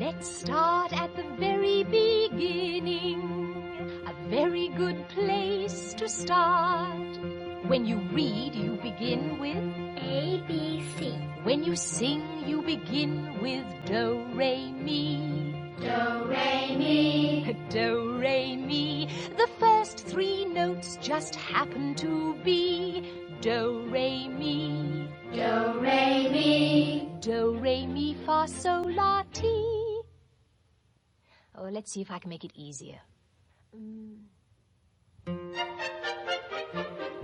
Let's start at the very beginning. A very good place to start. When you read, you begin with. A, B, C. When you sing, you begin with do, re, mi. Do, re, mi. The first three notes just happen to be do, re, mi. Do, re, mi, fa, sol, la, ti. Oh, let's see if I can make it easier.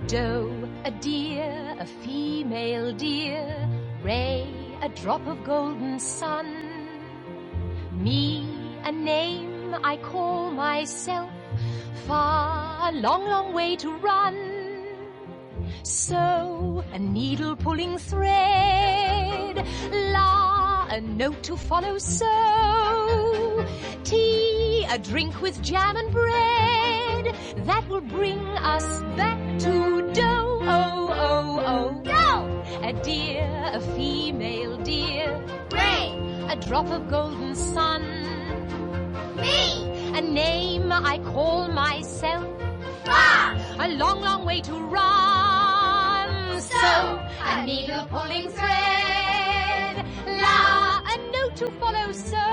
Doe, a deer, a female deer. Ray, a drop of golden sun. Me, a name I call myself. Far, a long, long way to run. So, a needle pulling thread. La, a note to follow. So, tea, a drink with jam and bread. That will bring us back to dough. Oh, oh, oh. Dough! A deer, a female deer. A drop of golden sun. A name I call myself a long, long way to run. So, a needle pulling thread. La, a note to follow, so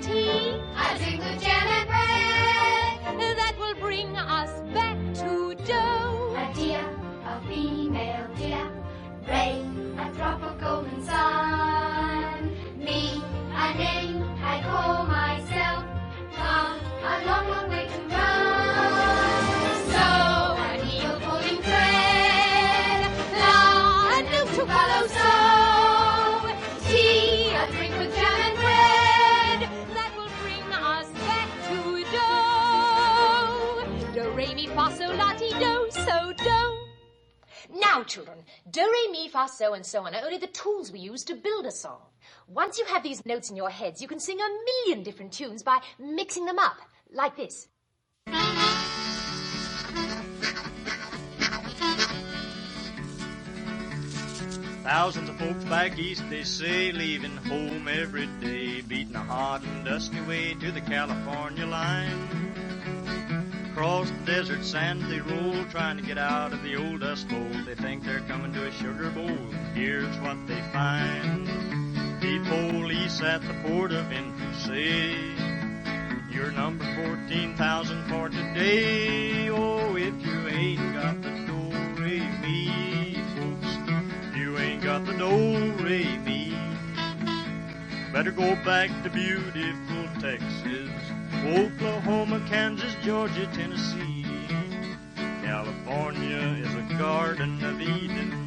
T, I drink the jam and bread. that will bring us back to dough. A dear, a female dear, Ray, a drop of golden sun. Me, a name I call myself. Tom, a long, long way to run. So an eagle pulling thread, long a new to follow. So tea, a drink with jam and bread, that will bring us back to do. Do re mi fa sol la ti do, so do. Now, children, do, re, mi, fa, so, and so on are only the tools we use to build a song. Once you have these notes in your heads, you can sing a million different tunes by mixing them up, like this. Thousands of folks back east, they say, leaving home every day, beating a hot and dusty way to the California line. Across the desert sand they roll, trying to get out of the old dust bowl. They think they're coming to a sugar bowl. Here's what they find: the police at the port of entry say. You're number 14,000 for today. Oh, if you ain't got the do re mi, folks, you ain't got the do re mi. Better go back to beautiful Texas, Oklahoma, Kansas, Georgia, Tennessee. California is a garden of Eden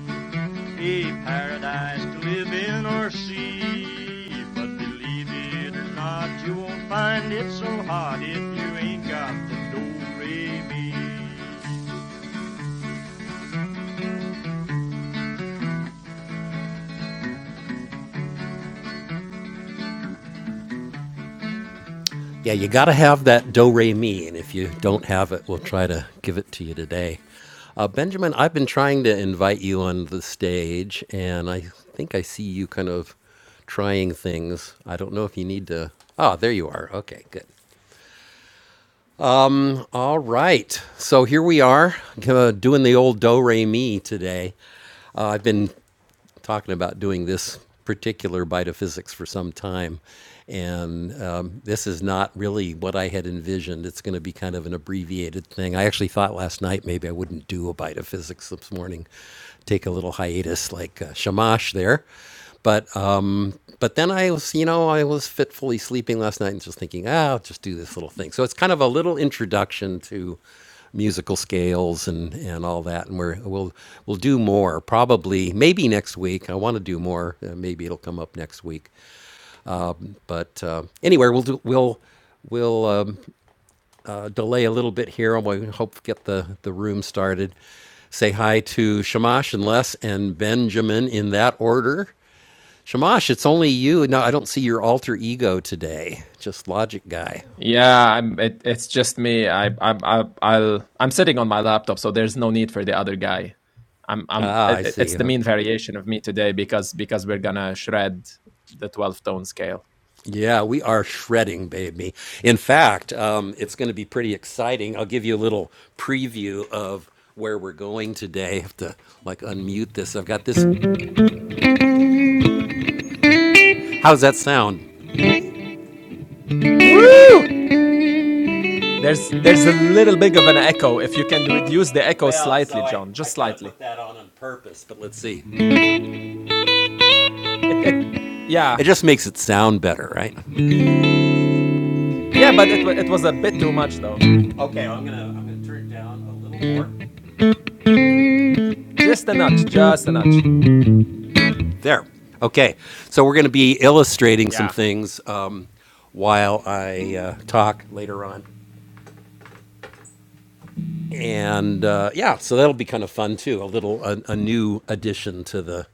a paradise to live in or see. But believe it or not, you won't find it so hot if you ain't got the do re mi. Yeah, you got to have that do re mi, and if you don't have it, we'll try to give it to you today. Uh, Benjamin, I've been trying to invite you on the stage, and I think I see you kind of trying things. I don't know if you need to. Ah, there you are. Okay, good. All right. So here we are uh, doing the old do re mi today. Uh, I've been talking about doing this particular bite of physics for some time. And um, this is not really what I had envisioned. It's going to be kind of an abbreviated thing. I actually thought last night maybe I wouldn't do a bite of physics this morning, take a little hiatus like uh, Shamash there. But uh, but then I was, you know, I was fitfully sleeping last night and just thinking, ah, I'll just do this little thing. So it's kind of a little introduction to musical scales and, and all that. And we're, we'll, we'll do more probably, maybe next week. I want to do more. Uh, maybe it'll come up next week. But uh, anyway, we'll do, we'll, we'll um, uh, delay a little bit here I hope get the, the room started. Say hi to Shamash and Les and Benjamin in that order. Shamash, it's only you. No, I don't see your alter ego today. Just logic guy. Yeah, I'm, it, it's just me. I, I'm, I, I'll, I'm sitting on my laptop, so there's no need for the other guy. I'm, I'm. Ah, I It, it's see. the Huh? mean variation of me today because because we're gonna shred the twelve tone scale. Yeah, we are shredding, baby. In fact, um, it's going to be pretty exciting. I'll give you a little preview of where we're going today. I have to like unmute this. I've got this. How's that sound? Woo! There's there's a little bit of an echo. If you can reduce the echo Well, slightly, so I, John, just I kind of slightly. put that on on purpose, but let's see. It, it, yeah, It just makes it sound better, right? yeah. But it, wa- it was a bit too much though. Okay, well, I'm gonna I'm gonna turn it down a little more. Just a notch, just a notch. There. Okay. So we're going to be illustrating some Yeah. things um, while I uh, talk later on. And uh, yeah, so that'll be kind of fun too. A little, a, a new addition to the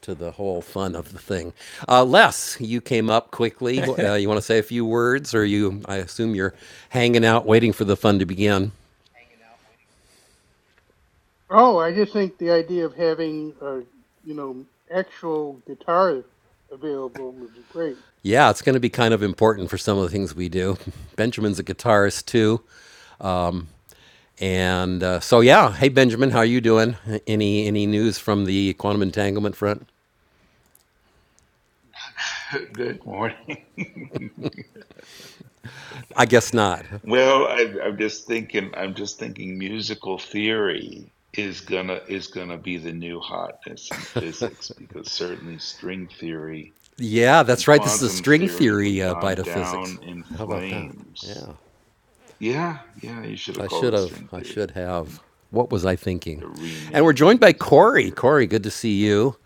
to the whole fun of the thing. Uh, Les, you came up quickly. Uh, you want to say a few words, or you? I assume you're hanging out, waiting for the fun to begin. Oh, I just think the idea of having a you know actual guitar available was great. Yeah, it's going to be kind of important for some of the things we do. Benjamin's a guitarist too. And uh, so, yeah. Hey, Benjamin, how are you doing? Any any news from the quantum entanglement front? Good morning. I guess not. Well, I, I'm just thinking. I'm just thinking. Musical theory is gonna is gonna be the new hotness in physics because certainly string theory Yeah, and that's right. This is a quantum string theory have theory uh, bite gone of down physics. in How about that? flames. Yeah, Yeah, yeah. You should have I called should it have. string I theory. should I have. think What was I thinking? a And we're joined renaming by is in Corey. order. Corey, good to see you.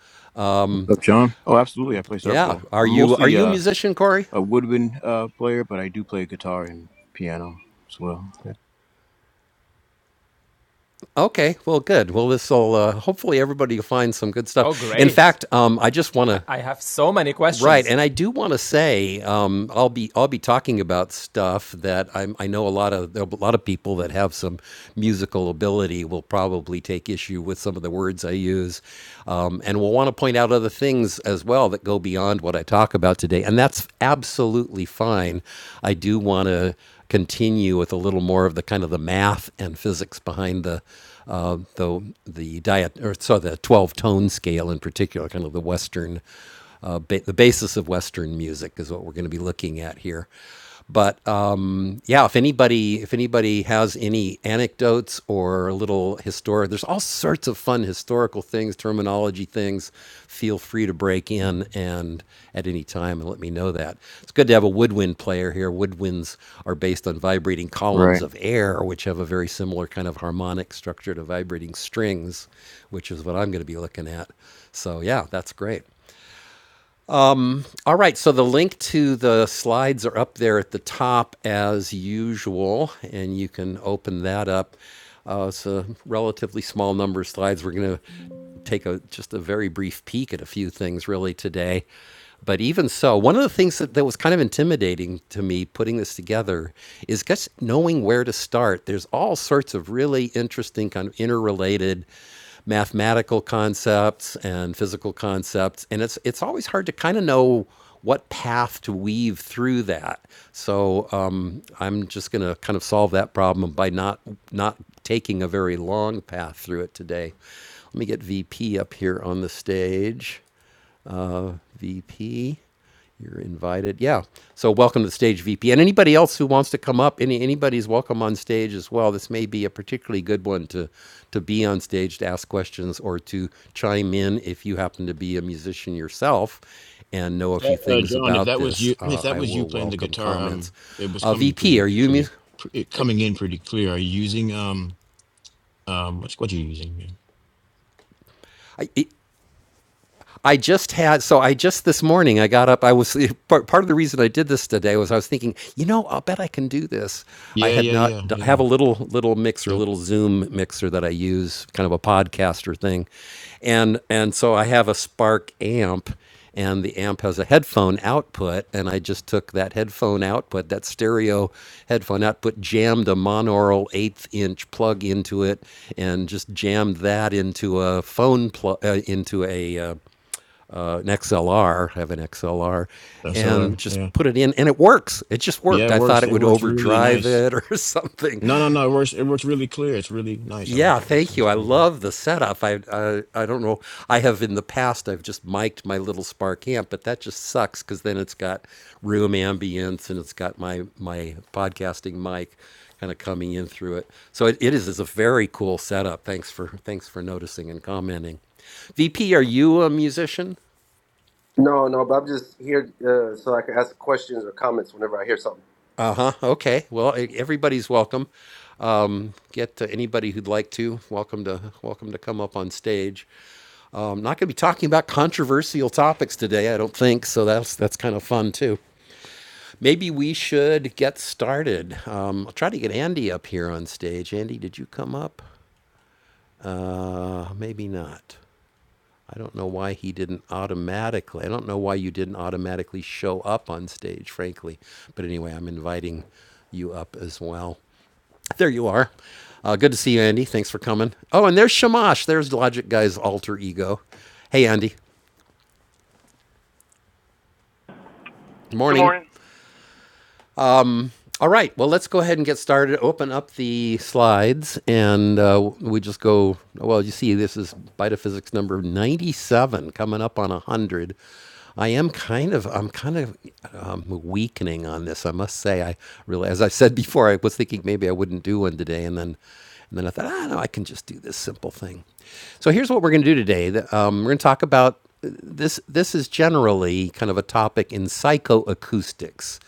What's up, John? Oh, absolutely. I play Yeah, several. are I'm you are mostly you a uh, musician, Corey? a woodwind uh, player, but I do play guitar and piano as well. Yeah. Okay, well, good. Well, this will uh, hopefully everybody will find some good Oh, stuff. In great. fact, um, I just want I, to I have so many Right, questions. and I do want to say um, I'll be I'll be talking about stuff that I'm, I know a lot of a lot of people that have some musical ability will probably take issue with some of the words I use, um, and will want to point out other things as well that go beyond what I talk about today, and that's absolutely fine. I do want to continue with a little more of the kind of the math and physics behind the uh, the the diet or so the twelve tone scale in particular, kind of the Western uh, ba- the basis of Western music is what we're going to be looking at here. But um, yeah, if anybody if anybody has any anecdotes or little historic, there's all sorts of fun historical things, terminology things. Feel free to break in and at any time and let me know that. It's good to have a woodwind player here. Woodwinds are based on vibrating columns Right. of air, which have a very similar kind of harmonic structure to vibrating strings, which is what I'm going to be looking at. So yeah, that's great. All right, so the link to the slides are up there at the top as usual, and you can open that up. Uh, it's a relatively small number of slides. We're going to take a just a very brief peek at a few things really today. But even so, one of the things that, that was kind of intimidating to me putting this together is just knowing where to start. There's all sorts of really interesting, kind of interrelated mathematical concepts and physical concepts, and it's it's always hard to kind of know what path to weave through that. So um, I'm just going to kind of solve that problem by not not taking a very long path through it today. Let me get VP up here on the stage. VP. You're invited. Yeah. So welcome to the stage, VP. And anybody else who wants to come up, any anybody's welcome on stage as well. This may be a particularly good one to to be on stage to ask questions or to chime in if you happen to be a musician yourself and know If a few that, uh, things John, if about that was this. you, if Uh, that I was you will playing the welcome guitar, um, comments. it was Uh, coming VP, are pretty, you? Mu- pretty, pre- it coming in pretty clear. Are you using um, um, what's what are you using? man? I, I just had so I just this morning I got up. I was part, of the reason I did this today was I was thinking, you know, I'll bet I can do this. I Yeah, had yeah, not yeah, I yeah. have a little little mixer, Yep, little Zoom mixer that I use, kind of a podcaster thing, and and so I have a Spark amp. And the amp has a headphone output, and I just took that headphone output, that stereo headphone output, jammed a monaural eighth inch plug into it, and just jammed that into a phone plug, uh, into a uh, an XLR, have an XLR, SLR. and just Yeah, put it in, and it works. It just yeah. worked. It I thought works. it It would works really overdrive nice. it or something. No, no, no. It works. It works really clear. It's really nice. I Yeah, like it. It thank you. sounds I pretty good. love the setup. I, I I don't know. I have in the past I've just mic'd my little Spark amp, but that just sucks because then it's got room ambience and it's got my my podcasting mic kind of coming in through it. So it, it is is a very cool setup. Thanks for thanks for noticing and commenting. VP, are you a musician? No, no, but I'm just here uh, so I can ask questions or comments whenever I hear something. Uh huh. Okay. Well, e- everybody's welcome. Um, get to anybody who'd like to. Welcome to welcome to come up on stage. I'm not going to be talking about controversial topics today. I don't think so. That's that's kind of fun too. Maybe we should get started. Um, I'll try to get Andy up here on stage. Andy, did you come up? Uh, maybe not. I don't know why he didn't automatically. I don't know why you didn't automatically show up on stage, frankly. But anyway, I'm inviting you up as well. There you are. Uh, good to see you, Andy. Thanks for coming. Oh, and there's Shamash. There's Logic Guy's alter ego. Hey, Andy. Good Morning. morning. All right. Well, let's go ahead and get started. Open up the slides, and uh, we just go. Well, you see, this is Physics number ninety-seven, coming up on one hundred. I am kind of, I'm kind of um, weakening on this. I must say, I really, as I said before, I was thinking maybe I wouldn't do one today, and then, and then I thought, ah, no, I can just do this simple thing. So here's what we're going to do today. Um, we're going to talk about uh, this. This is generally kind of a topic in psychoacoustics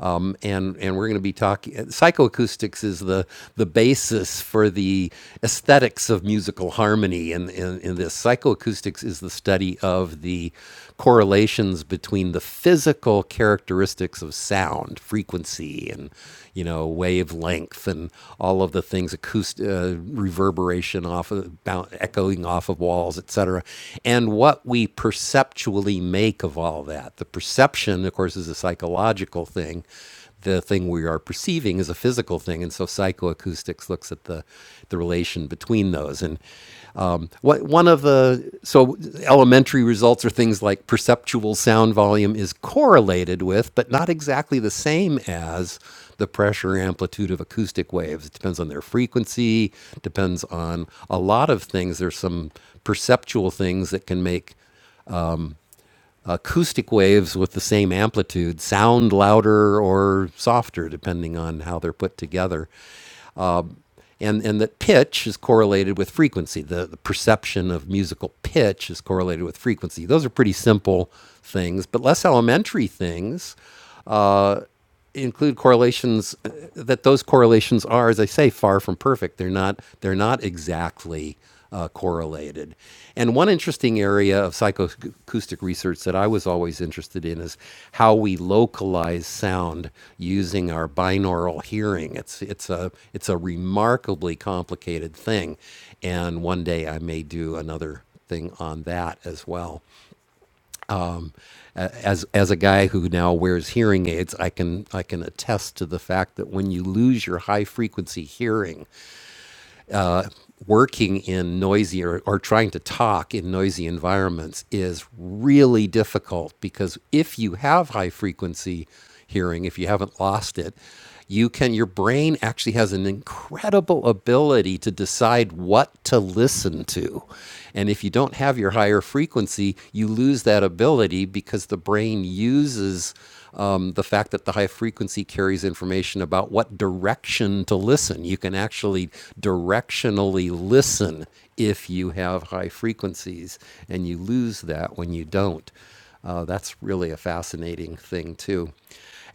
um, and and we're going to be talking. Psychoacoustics is the the basis for the aesthetics of musical harmony, and in, in, in this psychoacoustics is the study of the correlations between the physical characteristics of sound, frequency, and you know wavelength, and all of the things acoustic uh, reverberation off of boun echoing off of walls, et cetera, and what we perceptually make of all that that. The perception, of course, is a psychological thing. The thing we are perceiving is a physical thing, and so psychoacoustics looks at the the relation between those. And um, what one of the so elementary results are things like perceptual sound volume is correlated with, but not exactly the same as the pressure amplitude of acoustic waves. It depends on their frequency, depends on a lot of things. There's some perceptual things that can make acoustic waves with the same amplitude sound louder or softer depending on how they're put together and and that pitch is correlated with frequency the, the perception of musical pitch is correlated with frequency those are pretty simple things but less elementary things uh, include correlations uh, that those correlations are as i say far from perfect they're not they're not exactly uh, correlated. And one interesting area of psychoacoustic research that I was always interested in is how we localize sound using our binaural hearing. It's it's a it's a remarkably complicated thing, and one day I may do another thing on that as well. As as a guy who now wears hearing aids, I can I can attest to the fact that when you lose your high frequency hearing, working in noisy or, or trying to talk in noisy environments is really difficult because if you have high frequency hearing, if you haven't lost it, you can your brain actually has an incredible ability to decide what to listen to. And if you don't have your higher frequency, you lose that ability because the brain uses um, the fact that the high frequency carries information about what direction to listen. You can actually directionally listen if you have high frequencies, and you lose that when you don't. Uh, that's really a fascinating thing, too.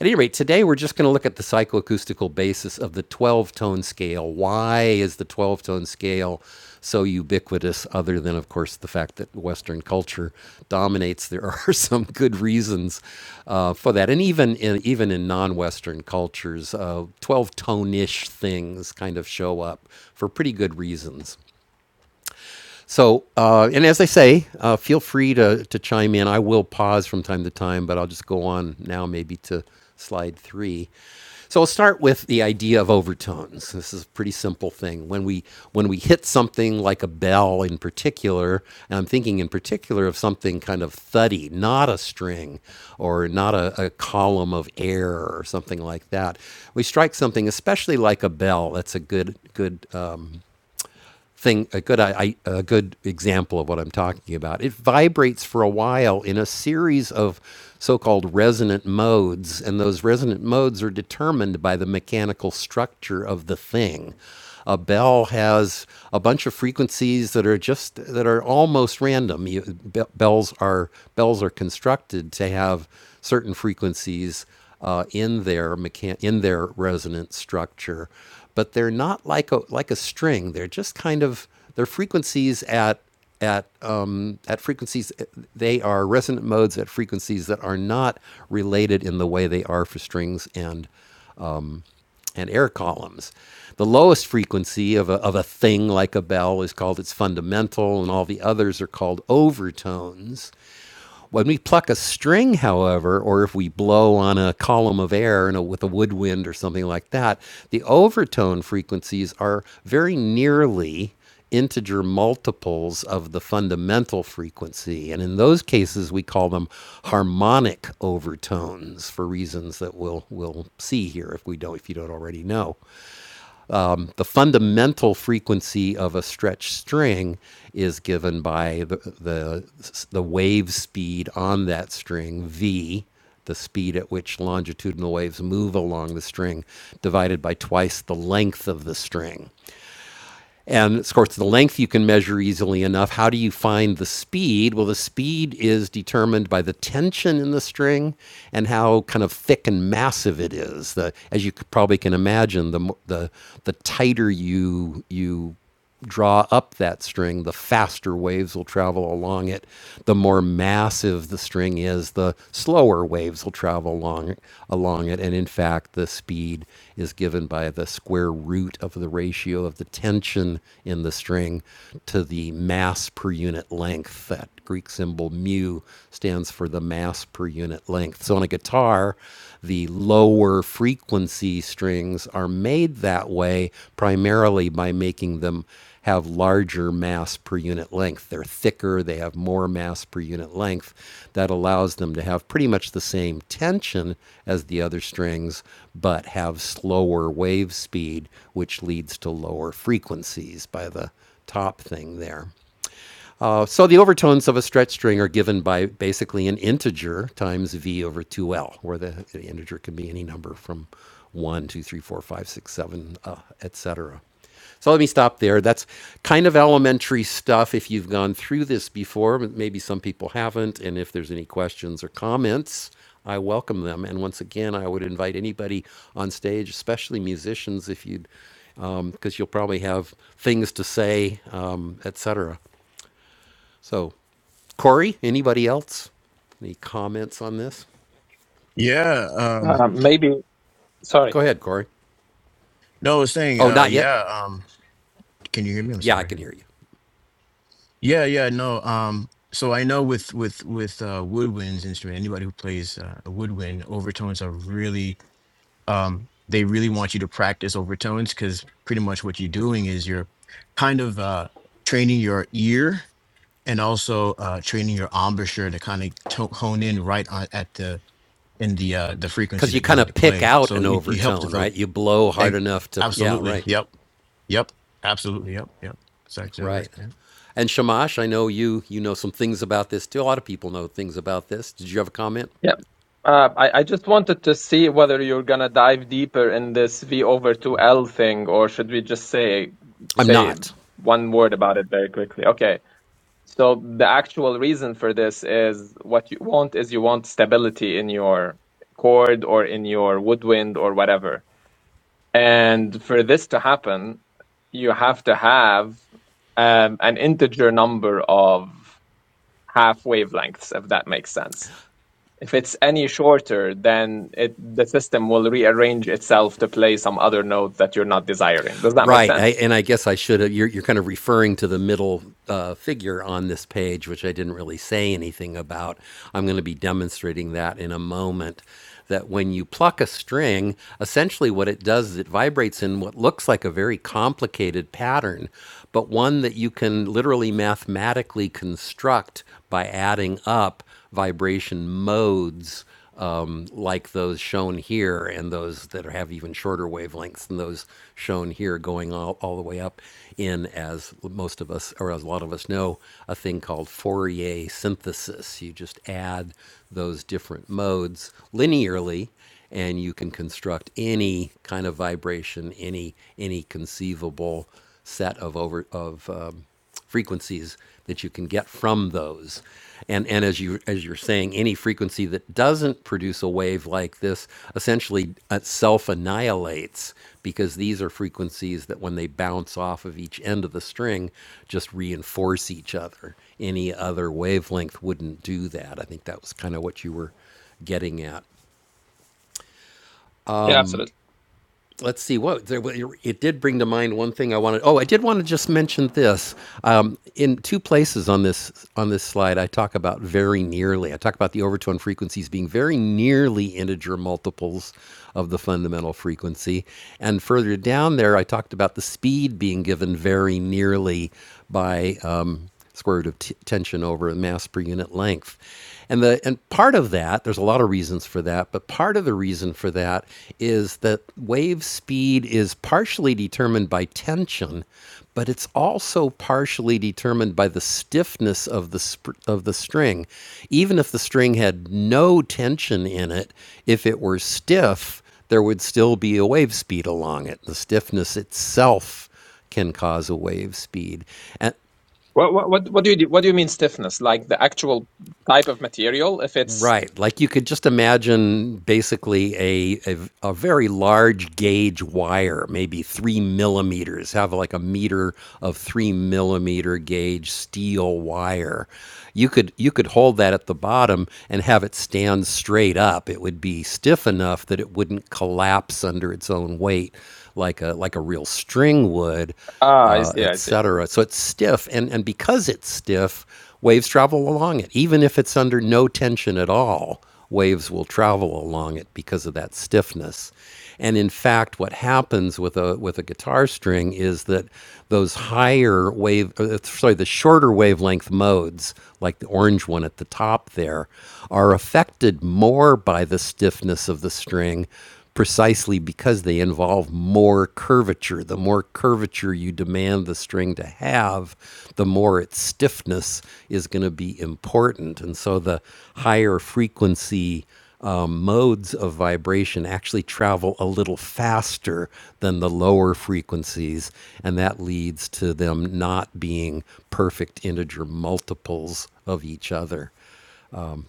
At any rate, today we're just going to look at the psychoacoustical basis of the 12 tone scale. Why is the 12 tone scale so ubiquitous, other than, of course, the fact that Western culture dominates? There are some good reasons uh, for that. And even in, even in non Western cultures, 12 tone ish things kind of show up for pretty good reasons. So, uh, and as I say, uh, feel free to, to chime in. I will pause from time to time, but I'll just go on now maybe to slide three. So I'll start with the idea of overtones. This is a pretty simple thing. When we when we hit something like a bell in particular, and I'm thinking in particular of something kind of thuddy, not a string or not a, a column of air or something like that. We strike something, especially like a bell. That's a good good. uh, thing a good I, I- a good example of what I'm talking about. It vibrates for a while in a series of so-called resonant modes, and those resonant modes are determined by the mechanical structure of the thing. A bell has a bunch of frequencies that are just that are almost random. You, be- bells are bells are constructed to have certain frequencies uh, in their mechan- in their resonant structure, but they're not like a like a string. They're just kind of they're frequencies at at um, at frequencies they are resonant modes at frequencies that are not related in the way they are for strings and and air columns. The lowest frequency of a, of a thing like a bell is called its fundamental, and all the others are called overtones. When we pluck a string, however, or if we blow on a column of air and a, with a woodwind or something like that, the overtone frequencies are very nearly integer multiples of the fundamental frequency. And in those cases, we call them harmonic overtones for reasons that we'll, we'll see here if, we don't, if you don't already know um, the fundamental frequency of a stretched string is given by the, the, the wave speed on that string, v, the speed at which longitudinal waves move along the string, divided by twice the length of the string. And of course, the length you can measure easily enough. How do you find the speed? Well, the speed is determined by the tension in the string and how kind of thick and massive it is. The, as you probably can imagine, the, the, the tighter you, you draw up that string, the faster waves will travel along it. The more massive the string is, the slower waves will travel along along it. And in fact, the speed is given by the square root of the ratio of the tension in the string to the mass per unit length. that. Greek symbol mu stands for the mass per unit length. So on a guitar, the lower frequency strings are made that way primarily by making them have larger mass per unit length. They're thicker, they have more mass per unit length. That allows them to have pretty much the same tension as the other strings, but have slower wave speed, which leads to lower frequencies by the top thing there. Uh, so the overtones of a stretch string are given by basically an integer times v over 2l, where the, the integer can be any number from one, two, three, four, five, six, seven, 2, 3, 4, etc. So let me stop there. That's kind of elementary stuff if you've gone through this before, but maybe some people haven't. And if there's any questions or comments, I welcome them. And once again, I would invite anybody on stage, especially musicians, if you'd, because you'll probably have things to say, um, etc. So, Corey, anybody else? Any comments on this? Yeah. Um. Uh, maybe, sorry. Go ahead, Corey. No, I was saying. Oh, Uh. not yet? Yeah. Um. Can you hear me? I'm Yeah, I sorry. can hear you. Yeah, yeah, no. Um, so I know with with with uh, woodwinds instrument, anybody who plays uh, a woodwind, overtones are really um, they really want you to practice overtones because pretty much what you're doing is you're kind of uh, training your ear and also uh, training your embouchure to kind of to- hone in right on at the in the uh, the frequency Because you that you kind need to of pick play. out So an you, you help overtone, develop. right? You blow eh, hard enough to, yeah, Absolutely. right, Yep. Yep. Absolutely. Yep. Yep. It's actually right. right. And Shamash, I know you you know some things about this too. A lot of people know things about this. Did you have a comment? Yeah. Uh, I, I just wanted to see whether you're gonna dive deeper in this V over 2L thing, or should we just say I'm say not. one word about it very quickly? Okay. So the actual reason for this is what you want is you want stability in your chord or in your woodwind or whatever. And for this to happen, you have to have um, an integer number of half wavelengths, if that makes sense. If it's any shorter, then it the system will rearrange itself to play some other note that you're not desiring. Does that make Right. I, sense? and I guess I should have, you're, you're kind of referring to the middle uh, figure on this page, which I didn't really say anything about. I'm going to be demonstrating that in a moment. That when you pluck a string, essentially what it does is it vibrates in what looks like a very complicated pattern, but one that you can literally mathematically construct by adding up vibration modes um, like those shown here and those that have even shorter wavelengths than those shown here going all, all the way up in as most of us or as a lot of us know a thing called fourier synthesis you just add those different modes linearly and you can construct any kind of vibration any any conceivable set of over of um, frequencies that you can get from those. And and as you as you're saying, any frequency that doesn't produce a wave like this essentially self annihilates because these are frequencies that when they bounce off of each end of the string, just reinforce each other. Any other wavelength wouldn't do that. I think that was kind of what you were getting at. Yeah, absolutely. let's see what there, it did bring to mind one thing I wanted. Oh, I did want to just mention this. Um, in two places on this on this slide, I talk about very nearly. I talk about the overtone frequencies being very nearly integer multiples of the fundamental frequency, and further down there, I talked about the speed being given very nearly by um, square root of t- tension over mass per unit length. And the and part of that, there's a lot of reasons for that, but part of the reason for that is that wave speed is partially determined by tension, but it's also partially determined by the stiffness of the sp- of the string. Even if the string had no tension in it, if it were stiff, there would still be a wave speed along it. The stiffness itself can cause a wave speed. And What what what what do you do, what do you mean stiffness? Like the actual type of material? If it's Right. Like you could just imagine basically a, a, a very large gauge wire, maybe three millimeters, have like a meter of three millimeter gauge steel wire. You could you could hold that at the bottom and have it stand straight up. It would be stiff enough that it wouldn't collapse under its own weight like a like a real string would ah, I uh, see, I see. etc. So it's stiff, and, and because it's stiff, waves travel along it. Even if it's under no tension at all, waves will travel along it because of that stiffness. And in fact, what happens with a with a guitar string is that those higher wave, uh, sorry, the shorter wavelength modes, like the orange one at the top there, are affected more by the stiffness of the string precisely because they involve more curvature. The more curvature you demand the string to have, the more its stiffness is going to be important. And so the higher frequency um, modes of vibration actually travel a little faster than the lower frequencies, and that leads to them not being perfect integer multiples of each other.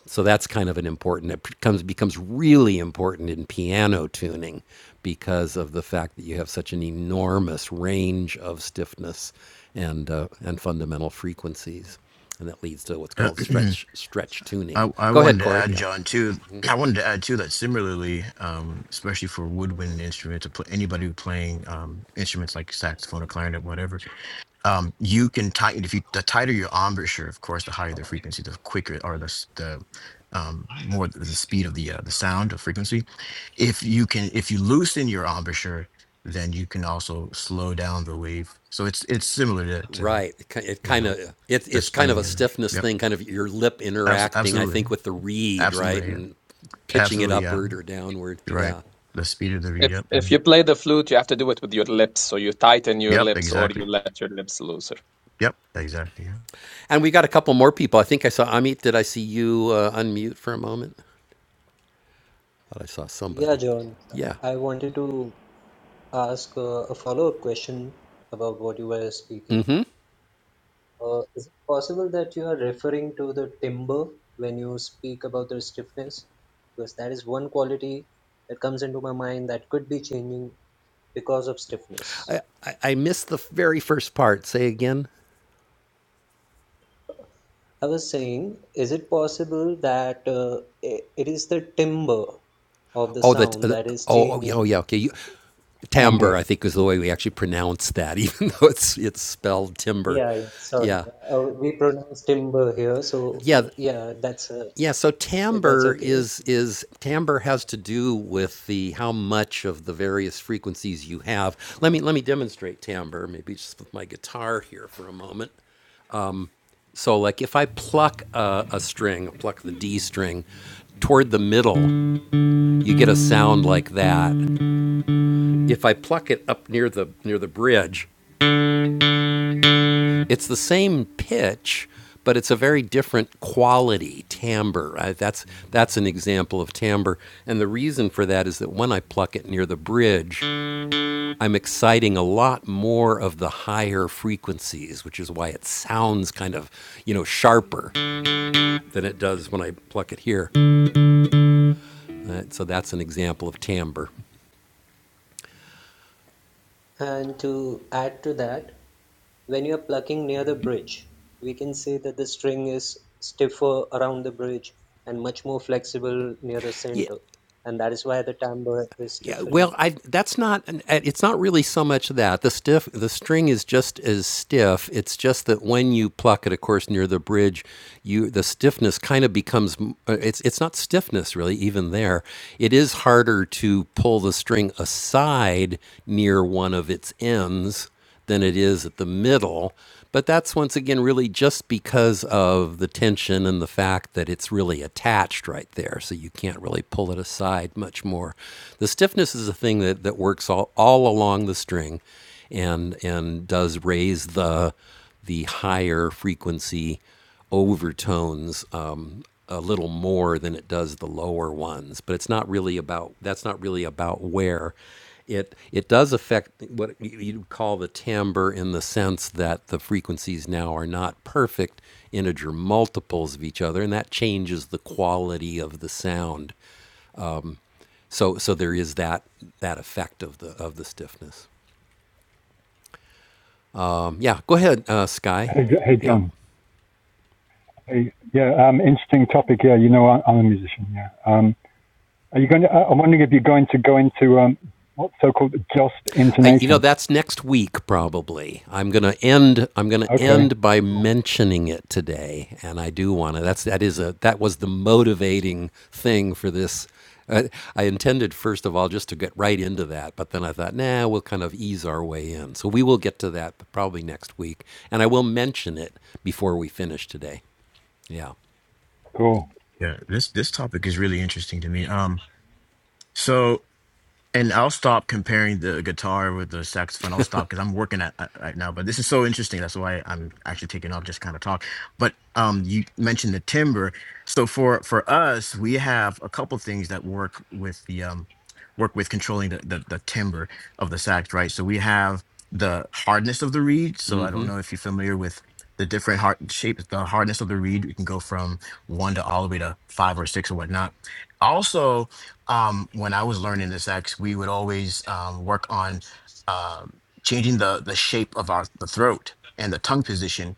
So that's kind of an important. It becomes becomes really important in piano tuning because of the fact that you have such an enormous range of stiffness and uh, and fundamental frequencies, and that leads to what's called Yeah. stretch stretch tuning. I, I Go ahead, wanted to Corey. add, Yeah. John, too. I wanted to add too that similarly, um, especially for woodwind instruments, or pl- anybody who's playing um, instruments like saxophone or clarinet, whatever, um, you can tighten. If you the tighter your embouchure, of course, the higher the frequency, the quicker or the s- the um, more the the speed of the uh, the sound of frequency. If you can, if you loosen your embouchure, then you can also slow down the wave. So it's it's similar to, to Right. It, ki- it you kind know of it, the it's kind of string a and stiffness yep, thing, kind of your lip abs- interacting, I absolutely, think, with the reed, right, absolutely, yeah. and pitching it Absolutely, yeah. upward or downward. You're right. Yeah. The speed of the read If up. if Mhm. you play the flute, you have to do it with your lips, so you tighten your Yep, lips or exactly. you let your lips looser. Yep, exactly. Yeah. And we got a couple more people. I think I saw Amit. Did I see you uh, unmute for a moment? Thought I saw Yeah, somebody. John, Yeah. I wanted to ask uh, a follow-up question about what you were speaking. Mm-hmm. Uh, is it possible that you are referring to the timber when you speak about the stiffness? Because that is one quality that comes into my mind that could be changing because of stiffness. I, I missed the very first part. Say again. I was saying, is it possible that uh, i- it is the timber of the Oh, the, sound the that is oh, oh yeah, oh changing? yeah. Okay, you, timbre. Amber. I think is the way we actually pronounce that, even though it's it's spelled timber. Yeah, yeah, sorry. Yeah, Uh, we pronounce timber here, so yeah, mm, yeah, that's uh, yeah. So Eh, That's timbre okay. is is timbre has to do with the how much of the various frequencies you have. Let me let me demonstrate timbre. Maybe just with my guitar here for a moment. So, like if I pluck a, a string, pluck the D string toward the middle, you get a sound like that. If I pluck it up near the near the bridge, it's the same pitch, but it's a very different quality timbre. I, that's that's an example of timbre, and the reason for that is that when I pluck it near the bridge, I'm exciting a lot more of the higher frequencies, which is why it sounds kind of you know sharper than it does when I pluck it here. Uh, so that's an example of timbre. And to add to that, when you're plucking near the bridge, we can say that the string is stiffer around the bridge and much more flexible near the Yeah, center. And that is why the timbre is yeah. differing. Well, I that's not. uh, It's not really so much that the stiff. The string is just as stiff. It's just that when you pluck it, of course, near the bridge, you the stiffness kind of becomes. uh, It's it's not stiffness really. Even there, it is harder to pull the string aside near one of its ends than it is at the middle. But that's once again really just because of the tension and the fact that it's really attached right there. So you can't really pull it aside much more. The stiffness is a thing that, that works all, all along the string and and does raise the the higher frequency overtones um, a little more than it does the lower ones. But it's not really about that's not really about where it it does affect what you- would call the timbre in the sense that the frequencies now are not perfect integer multiples of each other, and that changes the quality of the sound. So so there is that that effect of the of the stiffness. Um, yeah, go ahead, uh, Sky. Hey, hey, Yeah. John. Hey, yeah, um, interesting topic. Yeah, you know, I, I'm a musician. Yeah. Um, are you going to, I- am wondering if you're going to go into um, what's so-called just I, you know, intonation. that's next week probably. I'm gonna end. I'm gonna Okay. end by Cool. mentioning it today, and I do want to. That's that is a that was the motivating thing for this. Uh, I intended first of all just to get right into that, but then I thought, nah, we'll kind of ease our way in. So we will get to that probably next week, and I will mention it before we finish today. Yeah. Cool. yeah. This this topic is really interesting to me. Um, So. And I'll stop comparing the guitar with the saxophone. I'll stop because I'm working at at- right now. But this is so interesting. That's why I'm actually taking off just kind of talk. But um, you mentioned the timbre. So for for us, we have a couple things that work with the um, work with controlling the, the the timbre of the sax, right? So we have the hardness of the reed. So I Mm-hmm. don't know if you're familiar with the different hard shapes, the hardness of the reed. You can go from one to all the way to five or six or whatnot. Also, um, when I was learning this X, we would always um, work on uh, changing the the shape of our the throat and the tongue position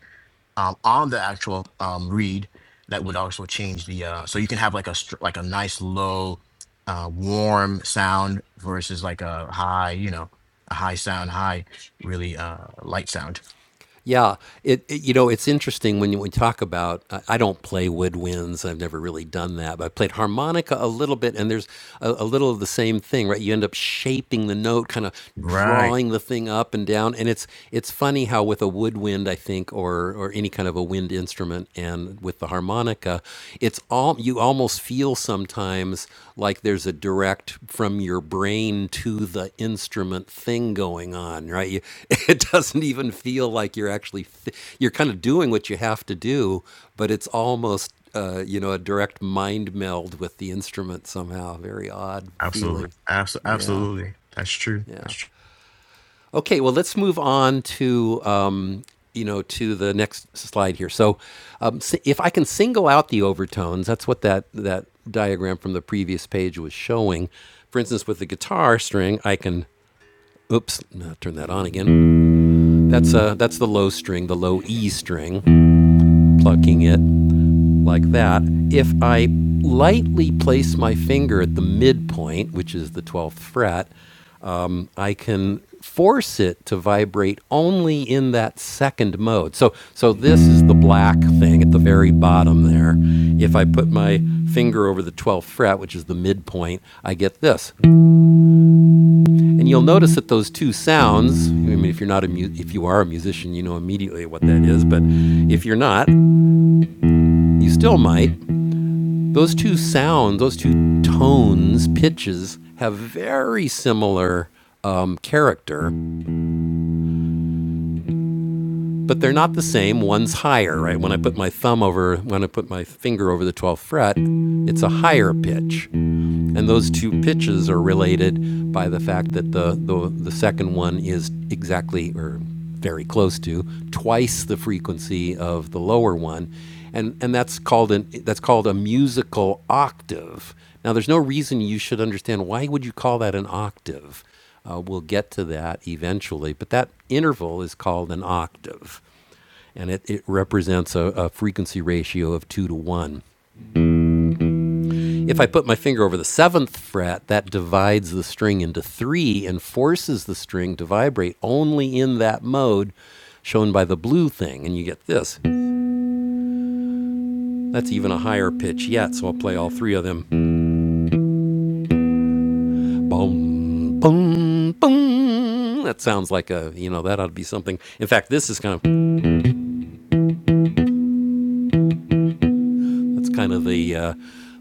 um, on the actual um, reed. That would also change the uh, so you can have like a str- like a nice low, uh, warm sound versus like a high, you know, a high sound, high really uh, light sound. Yeah, it, it- you know it's interesting when you, we talk about. I I don't play woodwinds. I've never really done that, but I played harmonica a little bit, and there's a, a little of the same thing, right? You end up shaping the note, kind of Right. drawing the thing up and down, and it's it's funny how with a woodwind, I think, or or any kind of a wind instrument, and with the harmonica, it's all you almost feel sometimes like there's a direct from your brain to the instrument thing going on right you, it doesn't even feel like you're actually fi- you're kind of doing what you have to do but it's almost uh, you know a direct mind meld with the instrument somehow very odd Absolutely. feeling Abso- yeah absolutely. That's true. That's yeah true. Okay, well, let's move on to um, you know to the next slide here. So, um, s- if I can single out the overtones, that's what that that diagram from the previous page was showing. For instance, with the guitar string, I can oops, no, turn that on again. That's uh that's the low string, the low E string, plucking it like that, if I lightly place my finger at the midpoint, which is the 12th fret, um, I can force it to vibrate only in that second mode. So, so this is the black thing at the very bottom there. If I put my finger over the 12th fret, which is the midpoint, I get this. And you'll notice that those two sounds, I mean, if you're not a mu- if you are a musician, you know immediately what that is, but if you're not, you still might. Those two sounds, those two tones, pitches, have very similar um, character, but they're not the same. One's higher, right? When I put my thumb over, when I put my finger over the 12th fret, it's a higher pitch. And those two pitches are related by the fact that the, the, the second one is exactly or very close to twice the frequency of the lower one. And, and that's called an that's called a musical octave. Now there's no reason you should understand why would you call that an octave. Uh, we'll get to that eventually, but that interval is called an octave, and it, it represents a, a frequency ratio of two to one. If I put my finger over the seventh fret, that divides the string into three and forces the string to vibrate only in that mode shown by the blue thing. And you get this. That's even a higher pitch yet, so I'll play all three of them. Boom, boom, boom. That sounds like a, you know, that ought to be something. In fact, this is kind of. It's kind of the uh,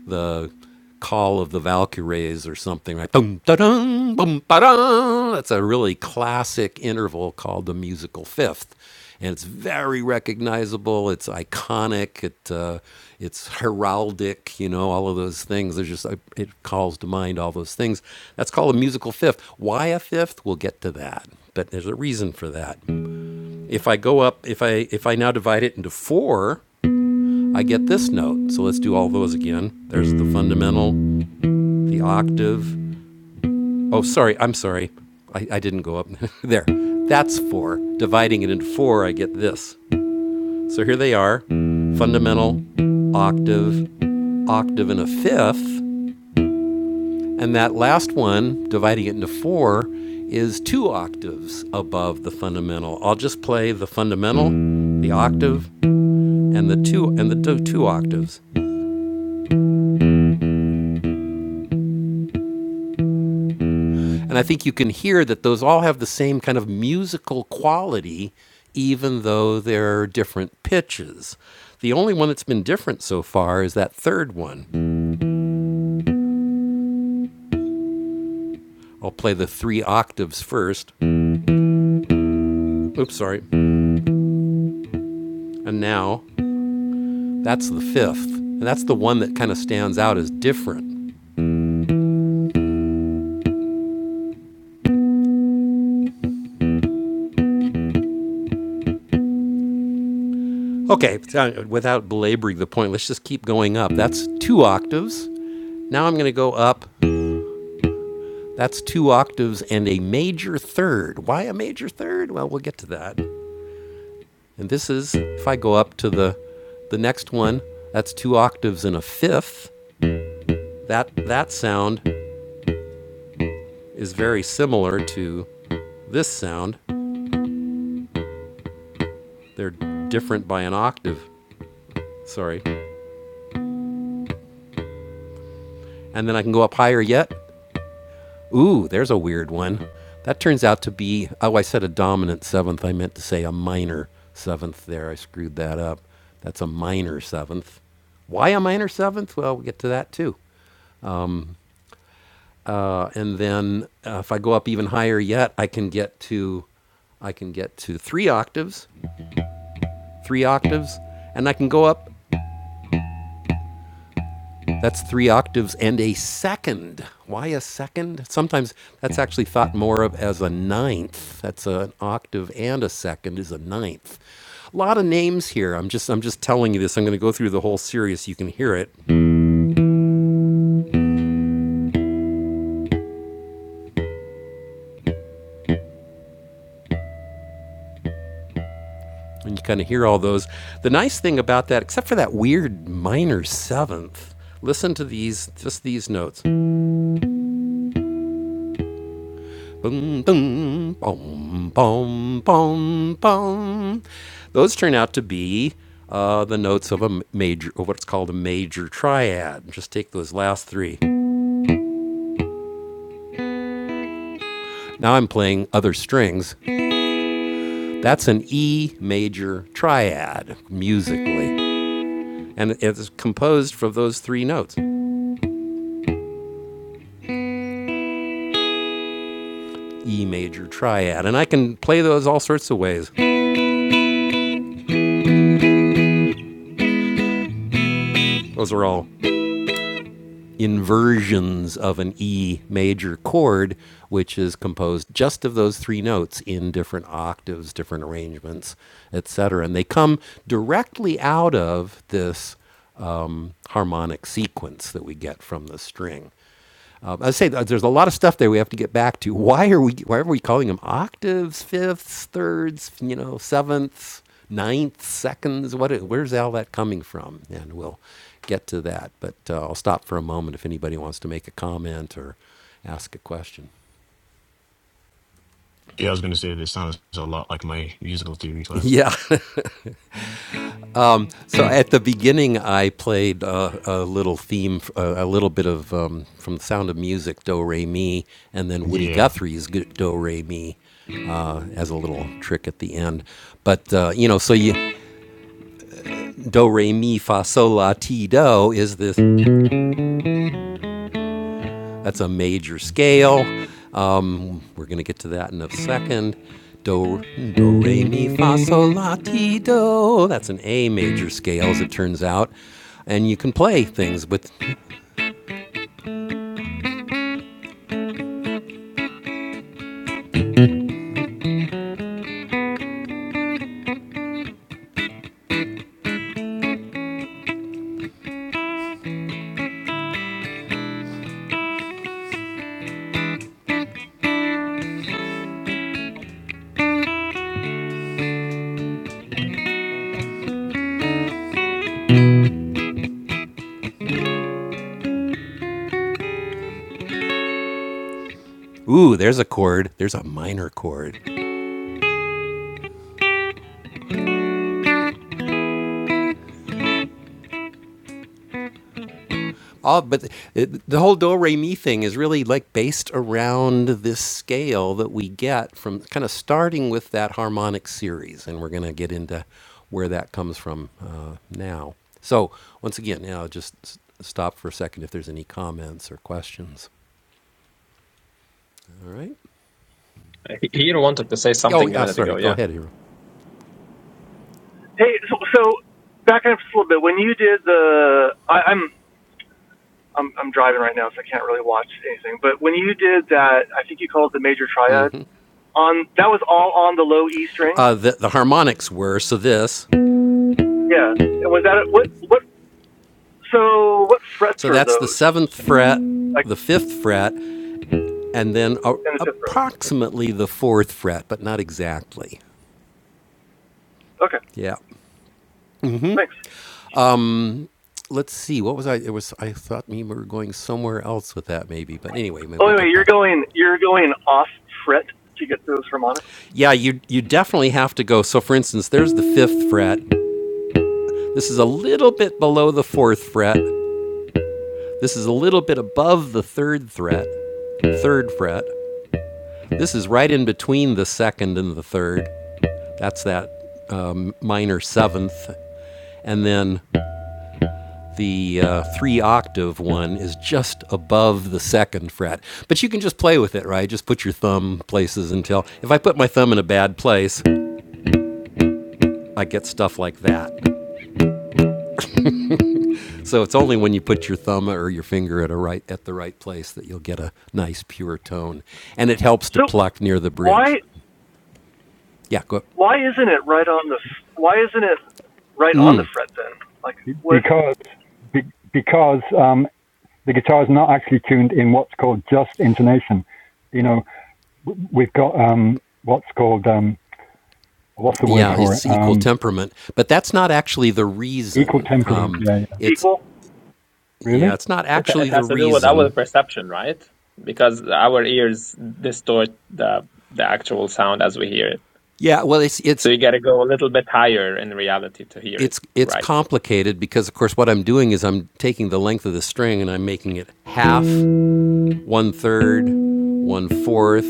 the call of the Valkyries or something, right? Dum, da-dum, bum, ba-dum. That's a really classic interval called the musical fifth, and it's very recognizable. It's iconic. It uh, it's heraldic. You know, all of those things. There's just uh, it calls to mind all those things. That's called a musical fifth. Why a fifth? We'll get to that. But there's a reason for that. If I go up, if I if I now divide it into four, I get this note. So let's do all those again. There's the fundamental, the octave. Oh, sorry, I'm sorry. I, I didn't go up. there. That's four. Dividing it into four, I get this. So here they are fundamental, octave, octave, and a fifth. And that last one, dividing it into four, is two octaves above the fundamental. I'll just play the fundamental, the octave, and the two and the two, two octaves. And I think you can hear that those all have the same kind of musical quality, even though they're different pitches. The only one that's been different so far is that third one. I'll play the three octaves first. Oops, sorry. And now that's the fifth. And that's the one that kind of stands out as different. Okay, so, uh, without belaboring the point, let's just keep going up. That's two octaves. Now I'm going to go up. That's two octaves and a major third. Why a major third? Well, we'll get to that. And this is, if I go up to the, the next one, that's two octaves and a fifth. That, that sound is very similar to this sound. They're different by an octave. Sorry. And then I can go up higher yet. Ooh, there's a weird one. That turns out to be, oh, I said a dominant seventh. I meant to say a minor seventh there. I screwed that up. That's a minor seventh. Why a minor seventh? Well, we'll get to that too. Uh, and then uh, if I go up even higher yet, I can get to, I can get to three octaves, three octaves, and I can go up. That's three octaves and a second. Why a second? Sometimes that's actually thought more of as a ninth. That's a- an octave and a second is a ninth. A lot of names here. I'm just I'm just telling you this. I'm going to go through the whole series. So you can hear it. and you kind of hear all those. The nice thing about that, except for that weird minor seventh, listen to these, just these notes. Boom, boom, boom, boom, boom, boom. Those turn out to be uh, the notes of a major, of what's called a major triad. Just take those last three. Now I'm playing other strings. That's an E major triad musically, and it's composed from those three notes. E major triad. And I can play those all sorts of ways. Those are all inversions of an E major chord, which is composed just of those three notes in different octaves, different arrangements, etc. And they come directly out of this um, harmonic sequence that we get from the string. Um, I say uh, there's a lot of stuff there we have to get back to. Why are we why are we calling them octaves, fifths, thirds, you know, sevenths, ninths, seconds? What where's all that coming from? And we'll get to that. But uh, I'll stop for a moment if anybody wants to make a comment or ask a question. Yeah, I was going to say this sounds a lot like my musical theory class. Yeah, So at the beginning, I played uh, a little theme, uh, a little bit of um, from the Sound of Music, Do Re Mi, and then Woody Yeah. Guthrie's G- Do Re Mi uh, as a little trick at the end. But uh, you know, so you Do Re Mi Fa Sol La Ti Do is this? That's a major scale. Um, we're gonna get to that in a second. Do, do, re, mi, fa, sol, la, ti, do. That's an A major scale, as it turns out. And you can play things with Ooh, there's a chord. There's a minor chord. All, but it, the whole do re mi thing is really like based around this scale that we get from kind of starting with that harmonic series, and we're going to get into where that comes from uh, now. So once again, yeah, i just s- stop for a second if there's any comments or questions. All right. He he wanted to say Oh, something a yeah. minute Sorry. ago. Go Yeah. ahead, Hero. Hey, so, so backing up just a little bit, when you did the, I, I'm, I'm, I'm driving right now, so I can't really watch anything. But when you did that, I think you called it the major triad. On that was all on the low E string. Uh, the, the harmonics were so this. Yeah. And was that what? What? So what frets So are that's the those? seventh fret, Like the fifth fret. and then a, in the fifth fret. approximately the fourth fret, but not exactly. Okay. Yeah. Thanks. Let's see. What was I? It was. I thought we were going somewhere else with that, maybe. But anyway, maybe Oh, we'll anyway, get you're back. going, you're going off fret to get those harmonics. Yeah, you you definitely have to go. So, for instance, there's the fifth fret. This is a little bit below the fourth fret. This is a little bit above the third fret. Third fret. This is right in between the second and the third. That's that um, minor seventh, and then The uh, three octave one is just above the second fret, but you can just play with it, right? Just put your thumb places until. If I put my thumb in a bad place, I get stuff like that. So it's only when you put your thumb or your finger at a right at the right place that you'll get a nice pure tone, and it helps to So pluck near the why? bridge. Yeah, go. up. Why isn't it right on the? Why isn't it right on the fret then? Like Be- what Because be, because um, the guitar is not actually tuned in what's called just intonation. You know, w- we've got um, what's called um, what's the word Yeah, for it? it's equal Um, temperament, but that's not actually the equal reason. temperament. Um, Yeah, yeah. it's equal? yeah, Really? it's not It, it actually the has to do with our reason. perception, right? Because our ears distort the the actual sound as we hear it. Yeah, well, it's So it's you got to go a little bit higher in reality to hear it it's it's right. complicated because of course what I'm doing is I'm taking the length of the string and I'm making it half one third, one fourth,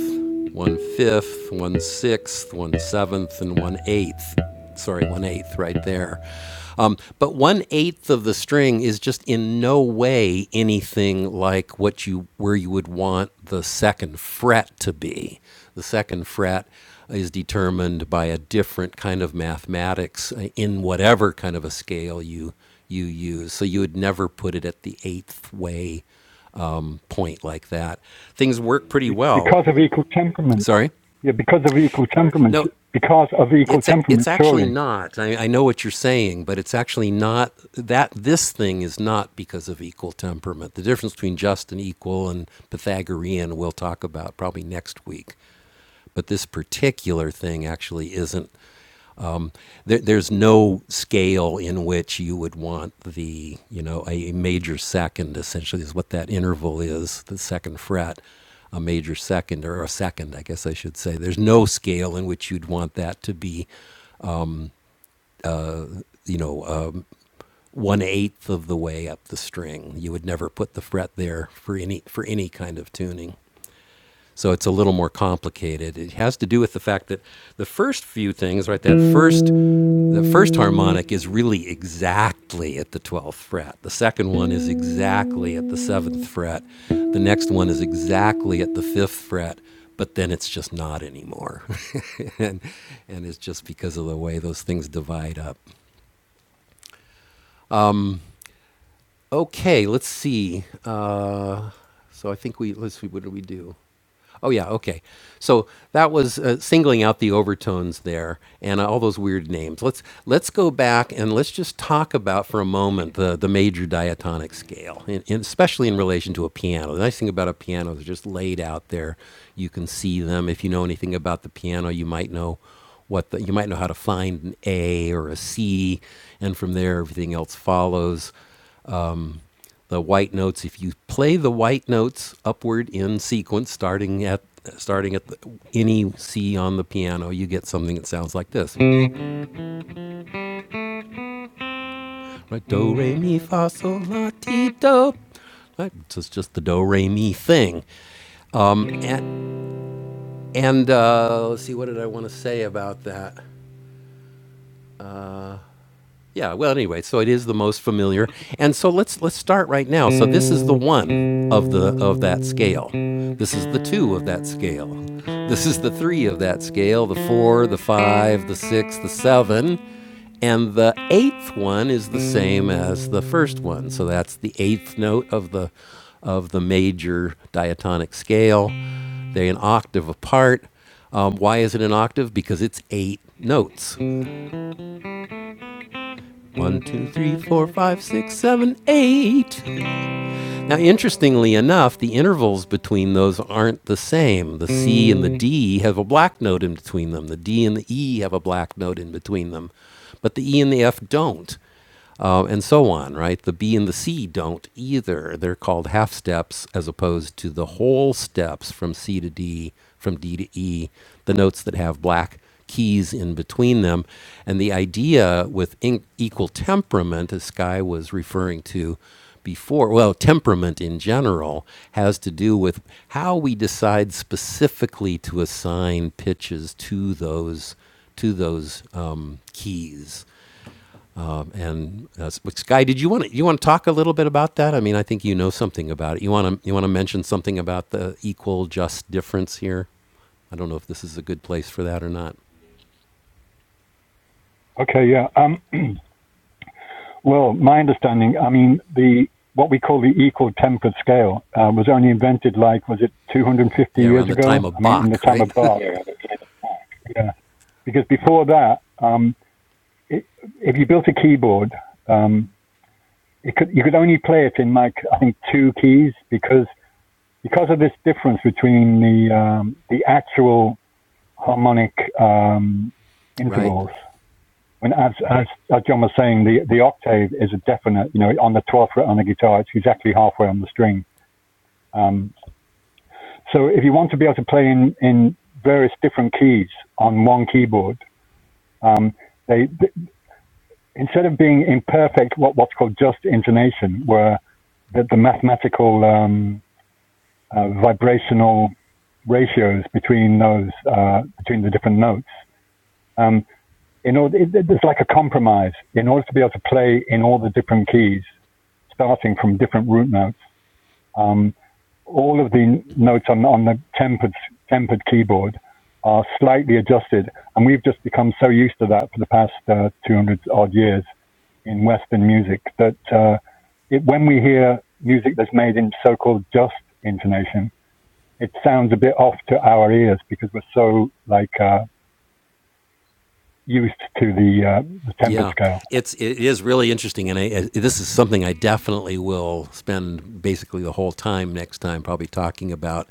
one fifth, one sixth, one seventh, and one eighth. Sorry, one eighth right there. Um, but one eighth of the string is just in no way anything like what you where you would want the second fret to be. The second fret is determined by a different kind of mathematics uh, in whatever kind of a scale you you use. So you would never put it at the eighth way point like that, things work pretty well. Because of equal temperament. Sorry? Yeah, because of equal temperaments. No, Because of equal it's a, it's temperaments, actually surely. not. I, I know what you're saying, but it's actually not that this thing is not because of equal temperament. The difference between just and equal and Pythagorean we'll talk about probably next week. But this particular thing actually isn't There, there's no scale in which you would want the, you know, a, major second essentially is what that interval is, the second fret, a major second or a second, I guess I should say. There's no scale in which you'd want that to be, you know, um, one eighth of the way up the string. You would never put the fret there for any for any kind of tuning. So it's a little more complicated. It has to do with the fact that the first few things, right, that first the first harmonic is really exactly at the 12th fret. The second one is exactly at the 7th fret. The next one is exactly at the 5th fret, but then it's just not anymore. and and it's just because of the way those things divide up. Okay, let's see. Uh, so I think we let's see what do we do? Oh yeah, okay. So that was uh, singling out the overtones there and uh, all those weird names. Let's let's go back and let's just talk about for a moment the the major diatonic scale, and, and especially in relation to a piano. The nice thing about a piano is they're just laid out there. You can see them. If you know anything about the piano, you might know what the, you might know how to find an A or a C, and from there everything else follows the white notes. If you play the white notes upward in sequence, starting at starting at the, any C on the piano, you get something that sounds like this: Right, do re mi fa sol la ti do. Right, so it's just the do re mi thing. And, and uh, let's see, what did I want to say about that? Yeah. Well, anyway, so it is the most familiar, and so let's let's start right now. So this is the one of the of that scale. This is the two of that scale. This is the three of that scale. The four, the five, the six, the seven, and the eighth one is the same as the first one. So that's the eighth note of the of the major diatonic scale. They're an octave apart. Um, why is it an octave? Because it's eight notes. One, two, three, four, five, six, seven, eight. Now, interestingly enough, the intervals between those aren't the same. The C and the D have a black note in between them. The D and the E have a black note in between them, but the E and the F don't, uh, and so on. Right? The B and the C don't either. They're called half steps as opposed to the whole steps from C to D, from D to E. The notes that have black keys in between them. And the idea with in- equal temperament, as Sky was referring to before, well, temperament in general has to do with how we decide specifically to assign pitches to those to those um, keys. Um, and uh, S- Sky, did you want to you want to talk a little bit about that? I mean, I think you know something about it. You want to you want to mention something about the equal, just difference here. I don't know if this is a good place for that or not. Okay, yeah. Um, well, my understanding, I mean, the what we call the equal tempered scale uh, was only invented like was it 250 Yeah, around years the time ago? of I mean, in the Bach, time of right? Bach. Yeah. Yeah. Because before that, um, it, if you built a keyboard, um, it could, you could only play it in like I think two keys because because of this difference between the um, the actual harmonic um, right. intervals And as, as as John was saying, the the octave is a definite. You know, on the twelfth fret on the guitar, it's exactly halfway on the string. Um, so if you want to be able to play in in various different keys on one keyboard, um, they, th instead of being imperfect, what what's called just intonation, where the, the mathematical um, uh, vibrational ratios between those uh, between the different notes. Um, in order, it, there's like a compromise in order to be able to play in all the different keys. starting from different root notes. Um, all of the notes on, on the tempered, tempered keyboard are slightly adjusted, and we've just become so used to that for the past uh, 200 odd years in Western music that uh, it, when we hear music that's made in so-called just intonation, it sounds a bit off to our ears because we're so like uh, used to the, uh, the tempered Yeah, scale. it's it is really interesting, and I, I, this is something I definitely will spend basically the whole time next time, probably talking about.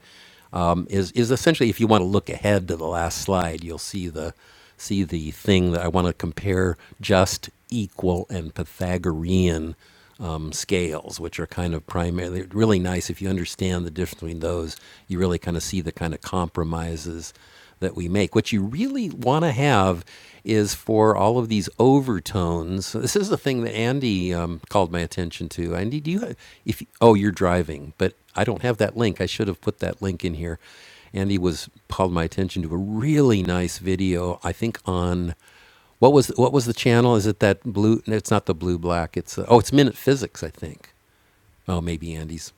Um, is is essentially if you want to look ahead to the last slide, you'll see the see the thing that I want to compare just, equal, and Pythagorean um, scales, which are kind of primarily really nice. If you understand the difference between those, you really kind of see the kind of compromises that we make. What you really want to have is for all of these overtones. So This is the thing that Andy um, called my attention to. Andy, do you have, if oh you're driving, but I don't have that link. I should have put that link in here. Andy was called my attention to a really nice video. I think on what was what was the channel? Is it that blue? no, It's not the blue black. It's uh, oh, it's Minute Physics, I think. Oh, maybe Andy's.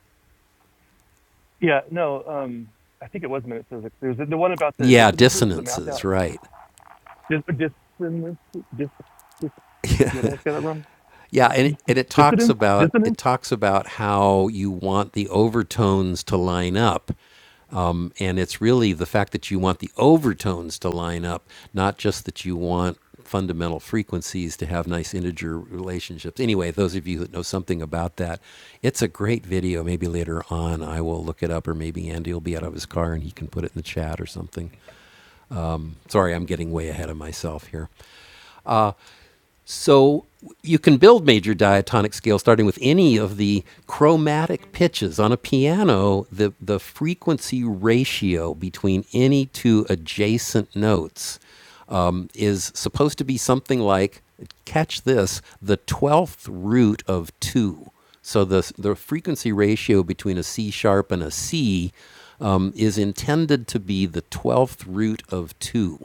Yeah, no, um, I think it was minute physics. There's the one about the Yeah, dissonances, the mapped dissonances, out right? dis, dissonance, dis, dis, what did I say that wrong? Yeah, and it, and it talks Dissonance, about dissonance, it talks about how you want the overtones to line up, Mm, and it's really the fact that you want the overtones to line up, not just that you want fundamental frequencies to have nice integer relationships. Anyway, those of you that know something about that, it's a great video. Maybe later on I will look it up, or maybe Andy will be out of his car and he can put it in the chat or something. Sorry, I'm getting way ahead of myself here. So you can build major diatonic scales starting with any of the chromatic pitches on a piano. The the frequency ratio between any two adjacent notes um, is supposed to be something like catch this the twelfth root of two. So the the frequency ratio between a C sharp and a C um, is intended to be the twelfth root of two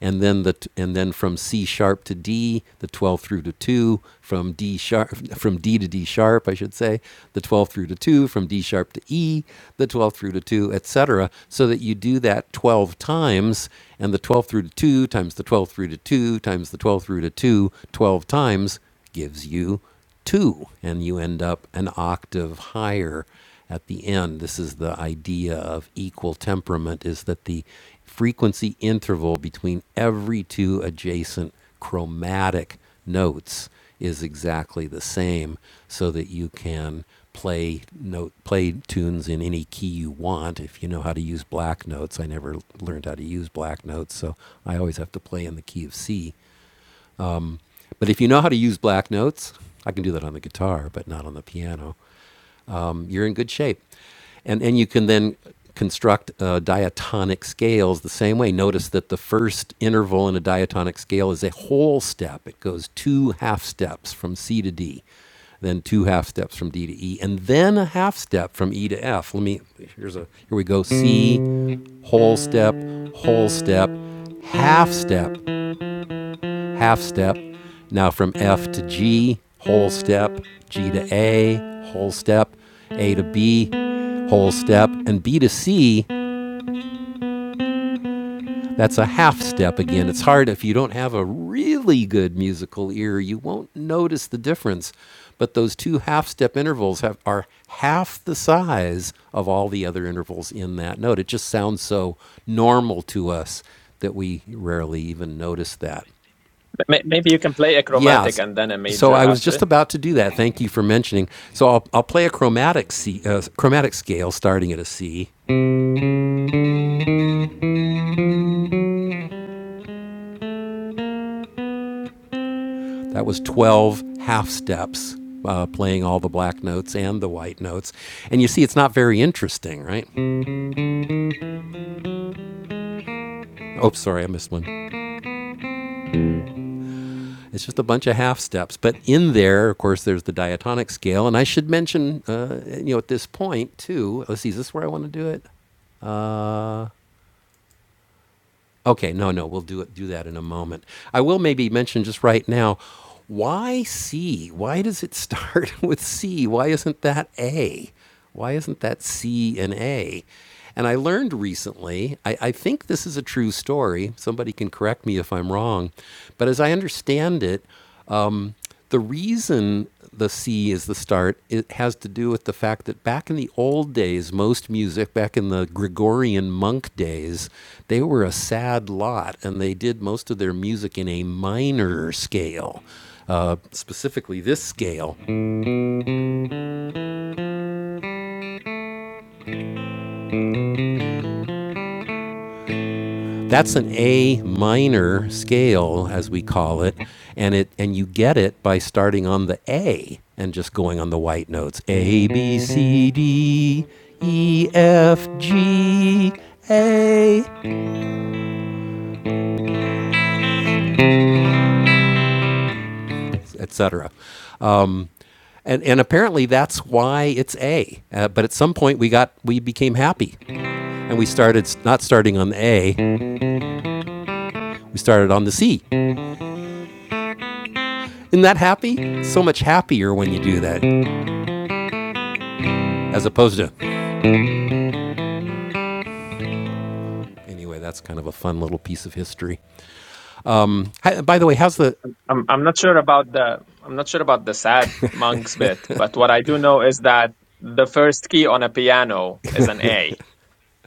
and then the t- and then from C sharp to D, the 12 through to 2, from D sharp from D to D sharp, I should say, the 12 through to 2, from D sharp to E, the 12 through to 2, etc. so that you do that 12 times and the 12 through to 2 times the 12 through to 2 times the 12 through to 2 12 times gives you two, and you end up an octave higher at the end. This is the idea of equal temperament is that the frequency interval between every two adjacent chromatic notes is exactly the same so that you can play note play tunes in any key you want if you know how to use black notes i never learned how to use black notes so i always have to play in the key of c but if you know how to use black notes, I can do that on the guitar, but not on the piano. um, You're in good shape, and and you can then construct uh, diatonic scales the same way. Notice that the first interval in a diatonic scale is a whole step. It goes two half steps from C to D, then two half steps from D to E, and then a half step from E to F. Let me here's a here we go C, whole step, whole step, half step, half step. Now from F to G, whole step, G to A, whole step, A to B, whole step, and B to C, that's a half step again. It's hard if you don't have a really good musical ear, you won't notice the difference. But those two half step intervals have, are half the size of all the other intervals in that note. It just sounds so normal to us that we rarely even notice that. May- Maybe you can play a chromatic Yes. and then a So major I was after just it. about to do that. Thank you for mentioning. So I'll, I'll play a chromatic C, uh, chromatic scale starting at a C. That was 12 half steps, uh, playing all the black notes and the white notes. And you see, it's not very interesting, right? Oh, sorry, I missed one. It's just a bunch of half steps. But in there, of course, there's the diatonic scale. And I should mention, uh, you know, at this point, too, let's see, is this where I want to do it? Okay, no, no, we'll do it. Do that in a moment. I will maybe mention just right now. Why C? Why does it start with C? Why isn't that A? Why isn't that C and A? And I learned recently, I, I think this is a true story. Somebody can correct me if I'm wrong. But as I understand it, the reason the C is the start, it has to do with the fact that back in the old days, most music, back in the Gregorian monk days, they were a sad lot and they did most of their music in a minor scale, uh, specifically this scale. That's an A minor scale, as we call it, and it and you get it by starting on the A and just going on the white notes. A B C D E F G A, etc. Um, and and apparently that's why it's A. Uh, but at some point we got we became happy, and we started not starting on the A, we started on the C. Isn't that happy? It's So much happier when you do that, as opposed to. Anyway, that's kind of a fun little piece of history. Mm. Hi- by the way, how's the? I'm I'm not sure about the I'm not sure about the sad monks bit, but what I do know is that the first key on a piano is an A.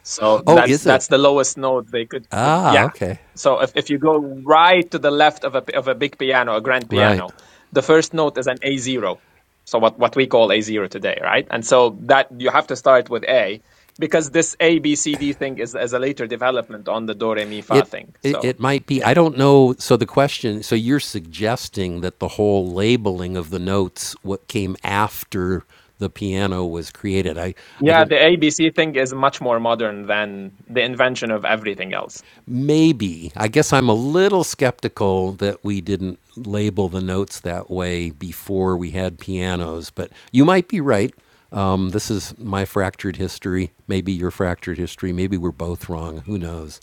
So Oh, that's is it? that's the lowest note they could produ- Ah, Yeah. okay, So if, if you go right to the left of a p- of a big piano, a grand right. piano, the first note is an A zero. So what what we call A zero today, right? And so that you have to start with A because this A B C D thing is is a later development on the do re mi fa It, thing. it So it might be. I yeah, don't know. So the question. So you're suggesting that the whole labeling of the notes, what came after the piano was created. I I yeah, don't the A B C thing is much more modern than the invention of everything else. Maybe. I guess I'm a little skeptical that we didn't label the notes that way before we had pianos, but you might be right. Um, this is my fractured history, maybe your fractured history. Maybe we're both wrong. Who knows?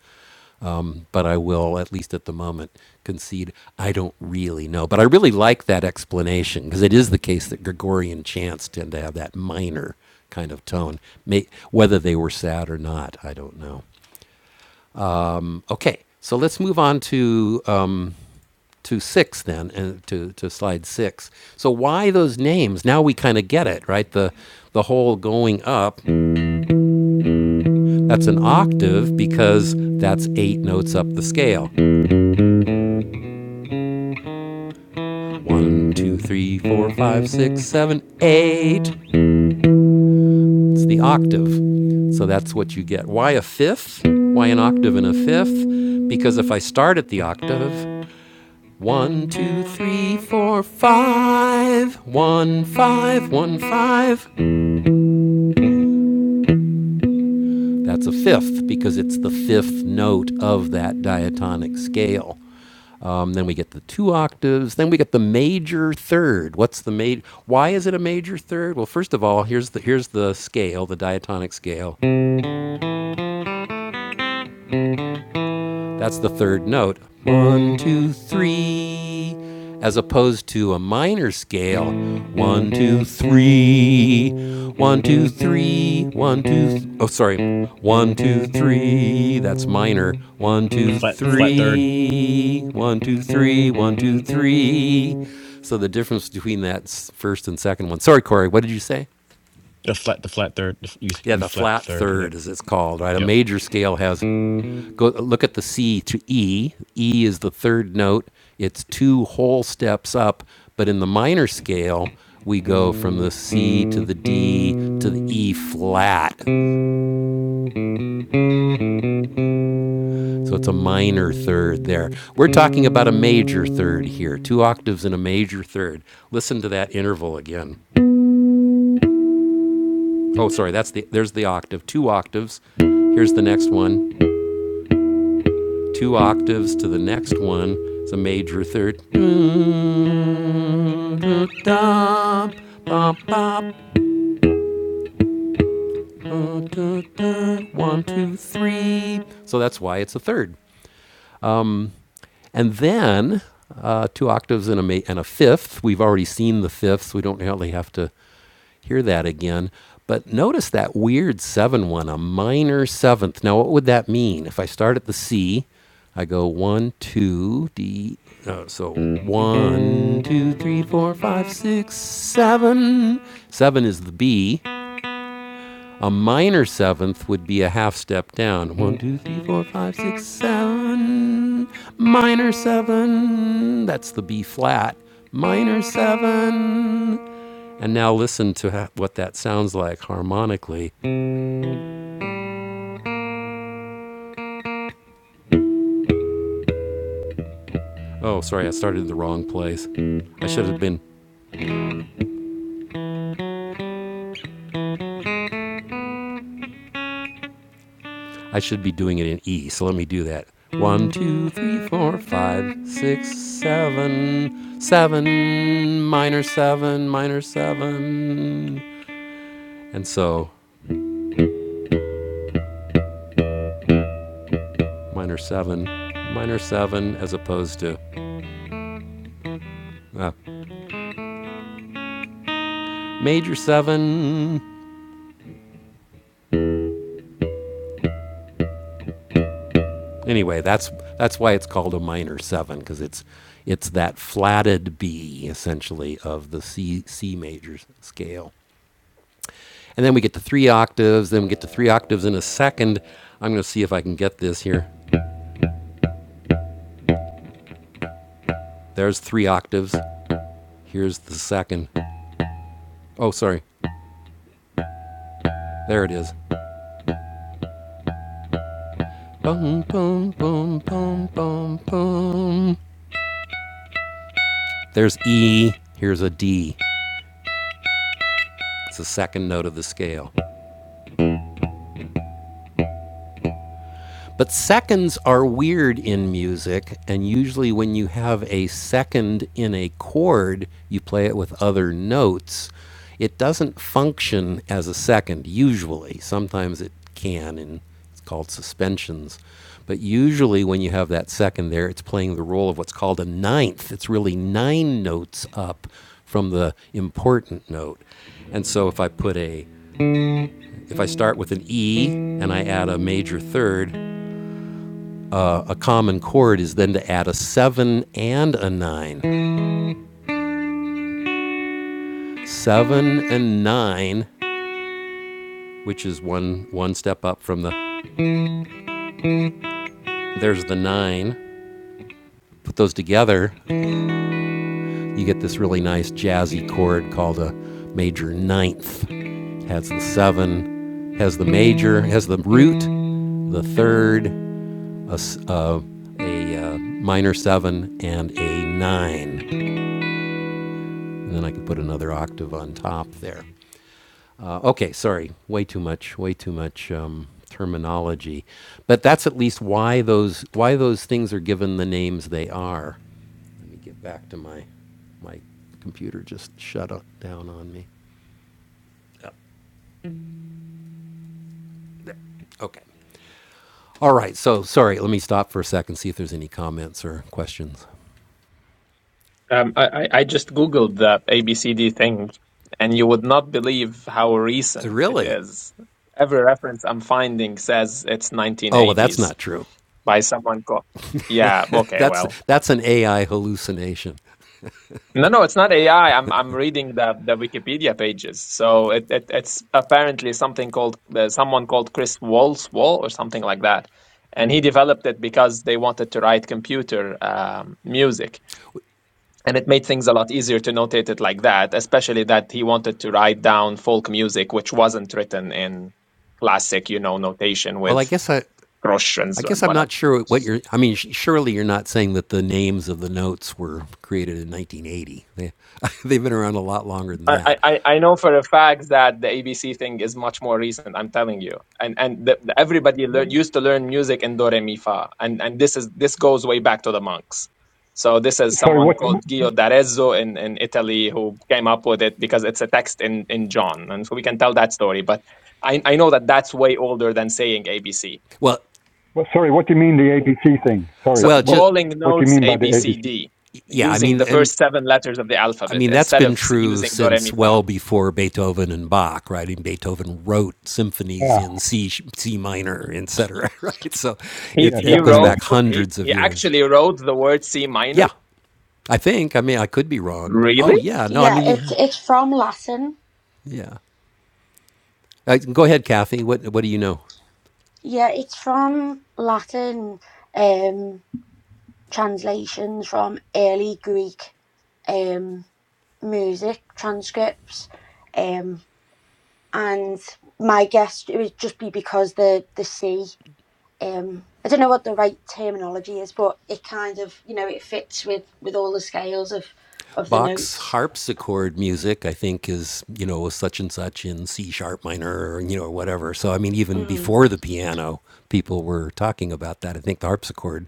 But I will, at least at the moment, concede I don't really know. But I really like that explanation because it is the case that Gregorian chants tend to have that minor kind of tone. May, whether they were sad or not, I don't know. Okay, so let's move on to um, to six then, and to, to slide six. So why those names? Now we kind of get it, right? The the whole going up. That's an octave because that's eight notes up the scale. One, two, three, four, five, six, seven, eight. It's the octave. So that's what you get. Why a fifth? Why an octave and a fifth? Because if I start at the octave One, two, three, four, five. One, five, one, five. That's a fifth because it's the fifth note of that diatonic scale. Um, then we get the two octaves. Then we get the major third. What's the major? Why is it a major third? Well, first of all, here's the here's the scale, the diatonic scale. That's the third note. One, two, three. As opposed to a minor scale. One, two, three. One, two, three. One, two. Th- oh, sorry. One, two, three. That's minor. One, The two, flat, the flat third, three. One, two, three. One, two, three. So the difference between that first and second one. Sorry, Corey, what did you say? the flat, the flat third. the f- You, Yeah, you the flat the flat third. third, Yep, as it's called, right? A yep. major scale has Go look at the C to E. E is the third note. It's two whole steps up, but in the minor scale, we go from the C to the D to the E flat. So it's a minor third there. We're talking about a major third here, two octaves in a major third. Listen to that interval again. Oh, sorry, that's the there's the octave, two octaves. Here's the next one. two octaves to the next one its a major third. One, two, three. So that's why it's a third. And then uh, two octaves and a, ma- and a fifth. We've already seen the fifths. We don't really have to hear that again. But notice that weird 7 1, a minor seventh. Now, what would that mean? If I start at the C, I go 1, 2, D. Uh, so one, two, three, four, five, six, 7. Seven is the B. A minor seventh would be a half step down. One, 2, 3, 4, 5, 6, 7. Minor 7. That's the B flat. Minor 7. And now listen to ha- what that sounds like harmonically. Oh, sorry, I started in the wrong place. I should have been, I should be doing it in E, so let me do that. One, two, three, four, five, six, seven, seven, minor seven, minor seven. And so, minor seven, minor seven, as opposed to uh, major seven, Anyway, that's that's why it's called a minor seven because it's it's that flatted B essentially of the C C major scale. And then we get to three octaves. Then we get to three octaves in a second. I'm going to see if I can get this here. There's three octaves. Here's the second. Oh, sorry. There it is. Bum, bum, bum, bum, bum, bum. There's E. Here's a D. It's the second note of the scale. But seconds are weird in music, and usually when you have a second in a chord, you play it with other notes. It doesn't function as a second, usually. Sometimes it can, and it's called suspensions. But usually when you have that second there, it's playing the role of what's called a ninth. It's really nine notes up from the important note. And so if I put a if I start with an E and I add a major third, uh, a common chord is then to add a seven and a nine. Seven and nine, which is one one step up from the there's the nine. Put those together, you get this really nice jazzy chord called a major ninth. Has the seven, has the major, has the root, the third, a, s- uh, a, uh, minor seven, and a nine. And then I can put another octave on top there. Uh, okay, sorry, way too much, way too much um, terminology, but that's at least why those why those things are given the names they are. Let me get back to my my computer just shut up, down on me. Okay. All right. So sorry. Let me stop for a second. See if there's any comments or questions. Um, I, I I just Googled that ABCD thing, and you would not believe how Uh, recent it Really? is. Every reference I'm finding says it's Oh, well, that's 1980s not true. by someone called. Yeah, okay, That's well. that's an AI hallucination. No, no, it's not AI. I'm I'm reading the, the Wikipedia pages. So it, it it's apparently something called uh, someone called Chris Walswall or something like that, and he developed it because they wanted to write computer um, music and it made things a lot easier to notate it like that especially that he wanted to write down folk music which wasn't written in classic you know notation Well, I with guess I cross and I guess I'm whatever not sure what you're. I mean, sh- surely you're not saying that the names of the notes were created in 1980. They, they've been around a lot longer than I, I, that. I know for a fact that the ABC thing is much more recent. I'm telling you, and and the, the- everybody lear used to learn music in do re mi fa, and and this is this goes way back to the monks. So this is Sorry, someone what, called Gio d'Arezzo in, in Italy who came up with it because it's a text in, in John, and so we can tell that story. But I I know that that's way older than saying ABC. Well, what? Sorry, what do you mean the ABC thing? Sorry, So well, what? just calling What do you notes mean A by the B C ABC? D yeah. I using mean, the and first seven letters of the I alphabet mean that's instead been of s- true using do re mi since fa. well before Beethoven and Bach, right? And Beethoven wrote symphonies Yeah, in C, sh- C minor, etc. Right? So He it yeah, he it goes definitely. wrote back he, hundreds of he years. actually wrote the word C minor. Yeah, I think. I mean, I could be wrong. Oh Really? yeah, no. I Yeah, mean, the, it's it's from Latin. yeah. Uh, go ahead, Kathy. What what do you know? Yeah, it's from Latin um translations from early Greek um music transcripts. Um and my guess it would just be because the the C um I don't know what the right terminology is, but it kind of you know it fits with with all the scales of of the Bach's notes. harpsichord music, I think, is, you know, such and such in C sharp minor or, you know, whatever. So, I mean, even Mm. before the piano, people were talking about that. I think the harpsichord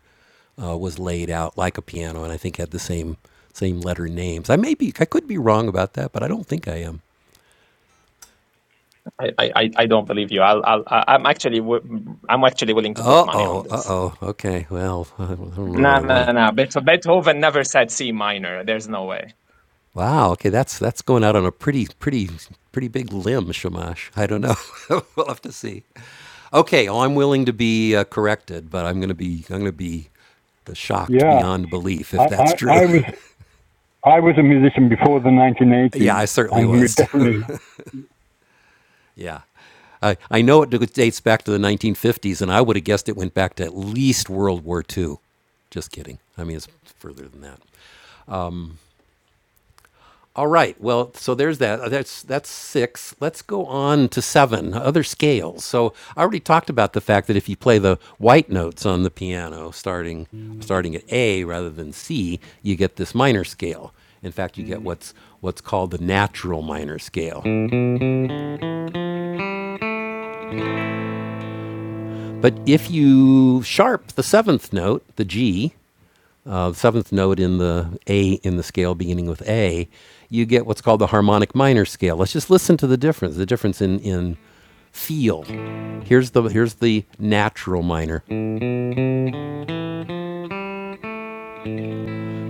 uh, was laid out like a piano and I think had the same same letter names. I may be, I could be wrong about that, but I don't think I am. I I, I I don't believe you. I'll I'll I- I'm actually wi- I'm actually willing to put Uh money on oh, uh this. oh. Okay, well, I don't know that No I want to no no. Beetho- Beethoven never said C minor. There's no way. Wow. Okay, that's that's going out on a pretty pretty pretty big limb, Shamash. I don't know. we'll have to see. Okay. Oh, I'm willing to be uh, corrected, but I'm going to be I'm going to be shocked Yeah, beyond belief I, if I, that's true. I was, I was a musician before the yeah, 1980s, I certainly and we was too. definitely yeah. I, I know it dates back to the 1950s, and I would have guessed it went back to at least World War Two. Just kidding. I mean, it's further than that. All right. Well, so there's that. uh, That's that's six. Let's go on to seven. Other scales. So I already talked about the fact that if you play the white notes on the piano, starting starting at A rather than C, you get this minor scale. In fact, you get what's what's called the natural minor scale. But if you sharp the seventh note, the G, uh, seventh note in the A in the scale beginning with A, you get what's called the harmonic minor scale. Let's just listen to the difference, the difference in, in feel. Here's the here's the natural minor.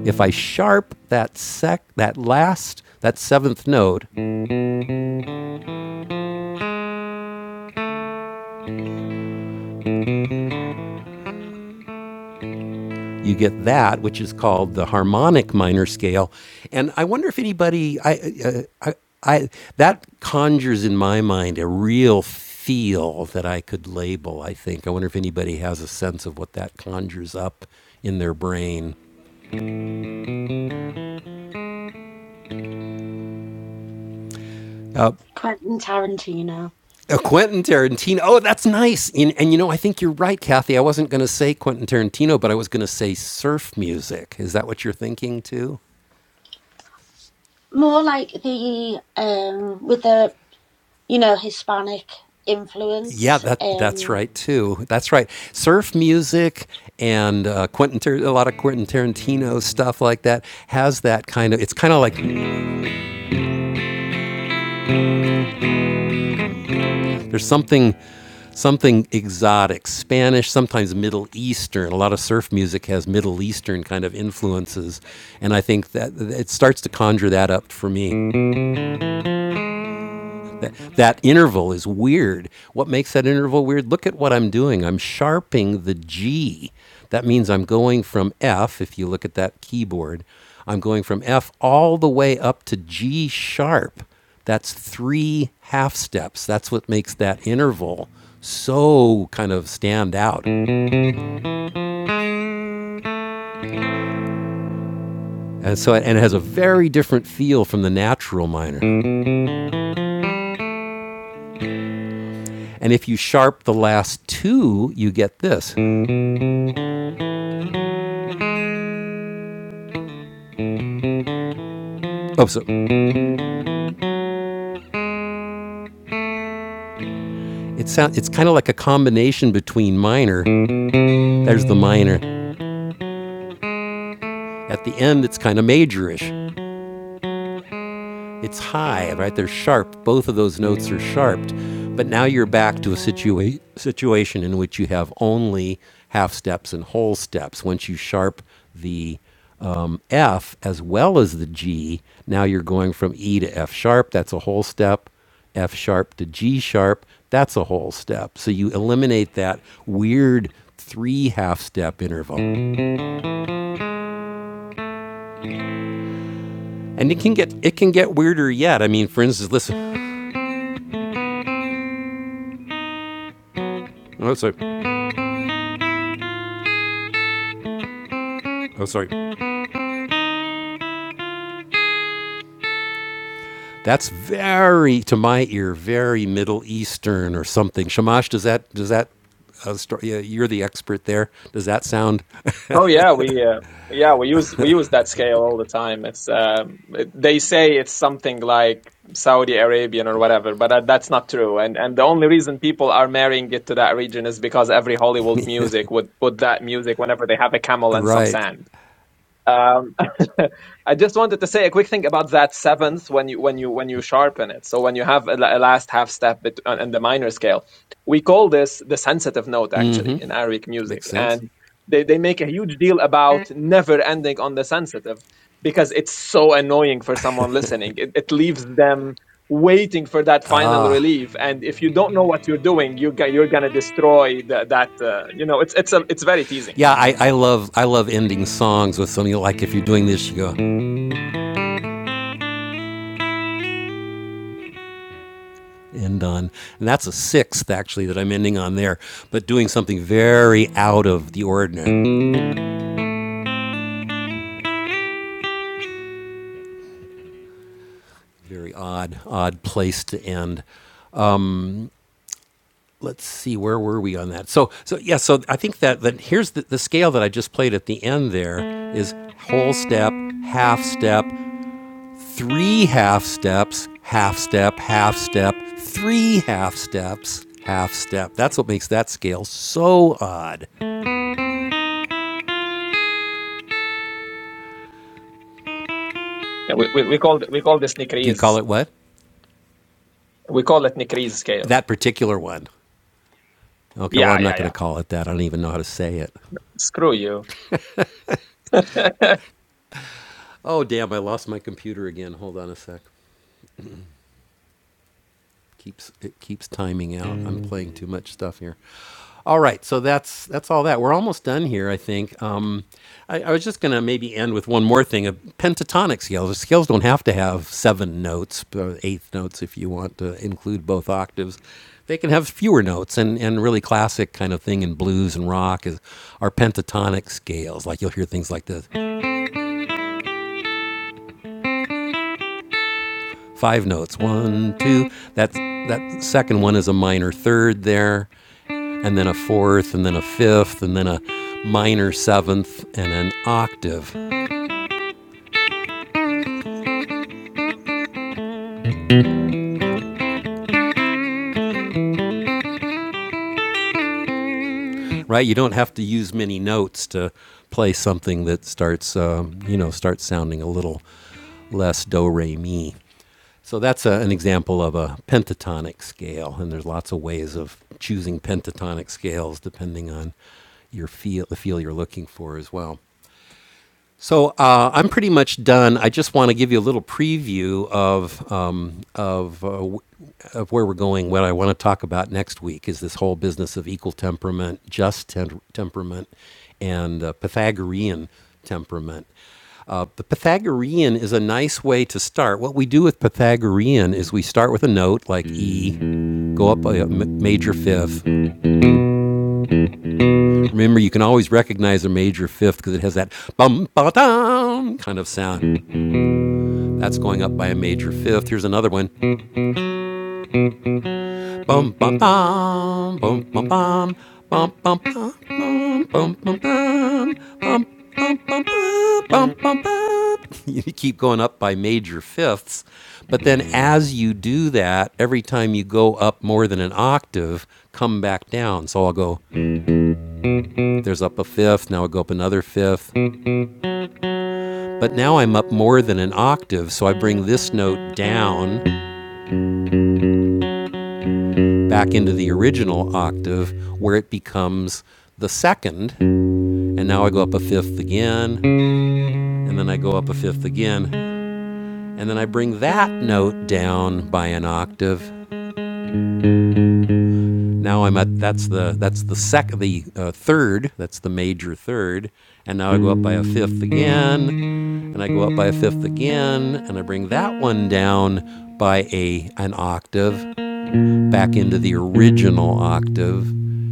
If I sharp that sec that last that seventh note you get that, which is called the harmonic minor scale. And I wonder if anybody, I, uh, I, I, that conjures in my mind a real feel that I could label. I think I wonder if anybody has a sense of what that conjures up in their brain. Uh, Quentin Tarantino. uh, Quentin Tarantino. Oh, that's nice. And, and you know, I think you're right, Kathy. I wasn't going to say Quentin Tarantino, but I was going to say surf music. Is that what you're thinking too? More like the um with the you know, Hispanic Yeah, influence. that that's Um, right too. That's right. Surf music and uh, Quentin, Tar- a lot of Quentin Tarantino stuff like that has that kind of. It's kind of like there's something something exotic, Spanish, sometimes Middle Eastern. A lot of surf music has Middle Eastern kind of influences, and I think that it starts to conjure that up for me. That, that interval is weird. What makes that interval weird? Look at what I'm doing. I'm sharping the G. That means I'm going from F, if you look at that keyboard, I'm going from F all the way up to G sharp. That's three half steps. That's what makes that interval so kind of stand out. And so it, and it has a very different feel from the natural minor. And if you sharp the last two, you get this. Oh, so It sound, it's kind of like a combination between minor. There's the minor. At the end, it's kind of majorish. It's high, right? They're sharp. Both of those notes are sharped. But now you're back to a situa- situation in which you have only half steps and whole steps. Once you sharp the um, F as well as the G, now you're going from E to F sharp. That's a whole step. F sharp to G sharp. That's a whole step. So you eliminate that weird three half step interval. And it can get it can get weirder yet. I mean, for instance, listen. Oh, sorry. Oh, sorry. That's very, to my ear, very Middle Eastern or something. Shamash, does that does that? Uh, st- yeah, you're the expert there. Does that sound Oh yeah, we uh, yeah we use we use that scale all the time. It's um, it, they say it's something like Saudi Arabian or whatever, but that, that's not true. And and the only reason people are marrying it to that region is because every Hollywood music would put that music whenever they have a camel and some right? sand. Um, I just wanted to say a quick thing about that seventh when you when you when you sharpen it. So when you have a, la- a last half step bet- on- in the minor scale, we call this the sensitive note actually in Arabic Makes music, sense. and they they make a huge deal about never ending on the sensitive because it's so annoying for someone listening. It, it leaves them waiting for that final relief, and if you don't know what you're doing, you ga- you're gonna destroy the, that. Uh, you know, it's it's a, it's very teasing. Yeah, I, I love I love ending songs with something like if you're doing this, you go end on, and that's a sixth actually that I'm ending on there. But doing something very out of the ordinary, very odd odd place to end. let's see where were we on that so so yeah so i think that that here's the, the scale that i just played at the end there is whole step half step three half steps half step half step three half steps half step that's what makes that scale so odd Yeah, we, we, we call we call this you call Nikriz. it what We call it Nikriz scale. that particular one okay well Yeah, i'm not yeah, going yeah. to call it that i don't even know how to say it Screw you. oh damn i lost my computer again hold on a sec keeps it keeps timing out i'm playing too much stuff here All right, so that's that's all that. We're almost done here, I think. Um, I, I was just going to maybe end with one more thing. Uh, pentatonic scales. Scales don't have to have seven notes, uh, eighth notes if you want to include both octaves. They can have fewer notes, and, and really classic kind of thing in blues and rock is are pentatonic scales. Like you'll hear things like this: five notes, one, two. That's that second one is a minor third there. and then a fourth, and then a fifth, and then a minor seventh, and an octave, right? You don't have to use many notes to play something that starts, um, you know, starts sounding a little less do re mi. So that's a, an example of a pentatonic scale, and there's lots of ways of choosing pentatonic scales depending on your feel, the feel you're looking for as well. So uh, I'm pretty much done. I just want to give you a little preview of um, of, uh, w- of where we're going. What I want to talk about next week is this whole business of equal temperament, just tem- temperament, and uh, Pythagorean temperament. Uh, the Pythagorean is a nice way to start. What we do with Pythagorean is we start with a note like E, go up a m- major fifth. Remember, you can always recognize a major fifth because it has that bum ba dum kind of sound. That's going up by a major fifth. Here's another one. Bum bum bum bum bum bum bum bum bum bum bum bum bum bum bum You keep going up by major fifths, but then as you do that, every time you go up more than an octave, come back down. So I'll go. There's up a fifth. Now I will go up another fifth, but now I'm up more than an octave. So I bring this note down back into the original octave where it becomes the second. And now I go up a fifth again, and then I go up a fifth again, and then I bring that note down by an octave. Now I'm at that's the that's the sec the uh, third that's the major third, and now I go up by a fifth again, and I go up by a fifth again, and I bring that one down by a an octave, back into the original octave.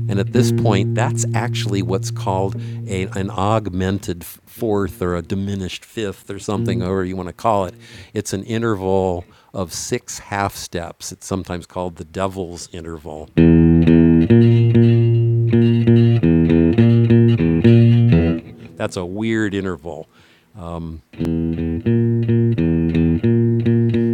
And at this point, that's actually what's called a, an augmented fourth or a diminished fifth or something, however you want to call it. It's an interval of six half steps. It's sometimes called the devil's interval. That's a weird interval.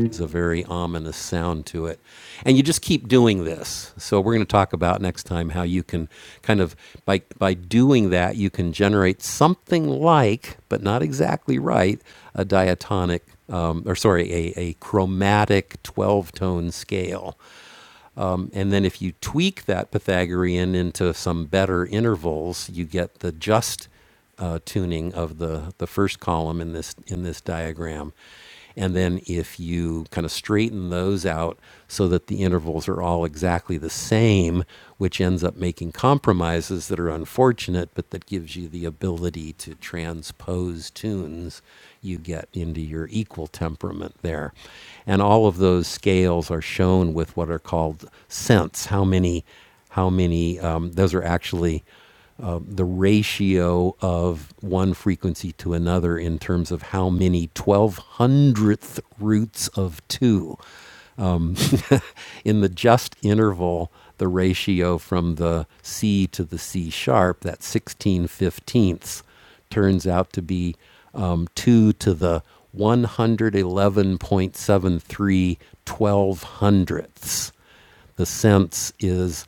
It's a very ominous sound to it. And you just keep doing this. So we're going to talk about next time how you can kind of by by doing that you can generate something like, but not exactly right, a diatonic um, or sorry, a, a chromatic 12 tone scale um, and then if you tweak that Pythagorean into some better intervals, you get the just uh, tuning of the, the first column in this in this diagram. And then if you kind of straighten those out so that the intervals are all exactly the same, which ends up making compromises that are unfortunate, but that gives you the ability to transpose tunes you get into your equal temperament there. And all of those scales are shown with what are called cents. How many, how many, um, those are actually uh, the ratio of one frequency to another in terms of how many 1200th roots of two um, in the just interval, the ratio from the C to the C sharp, that 16 fifteenths, turns out to be um, 2 to the 111.7312 hundredths the sense is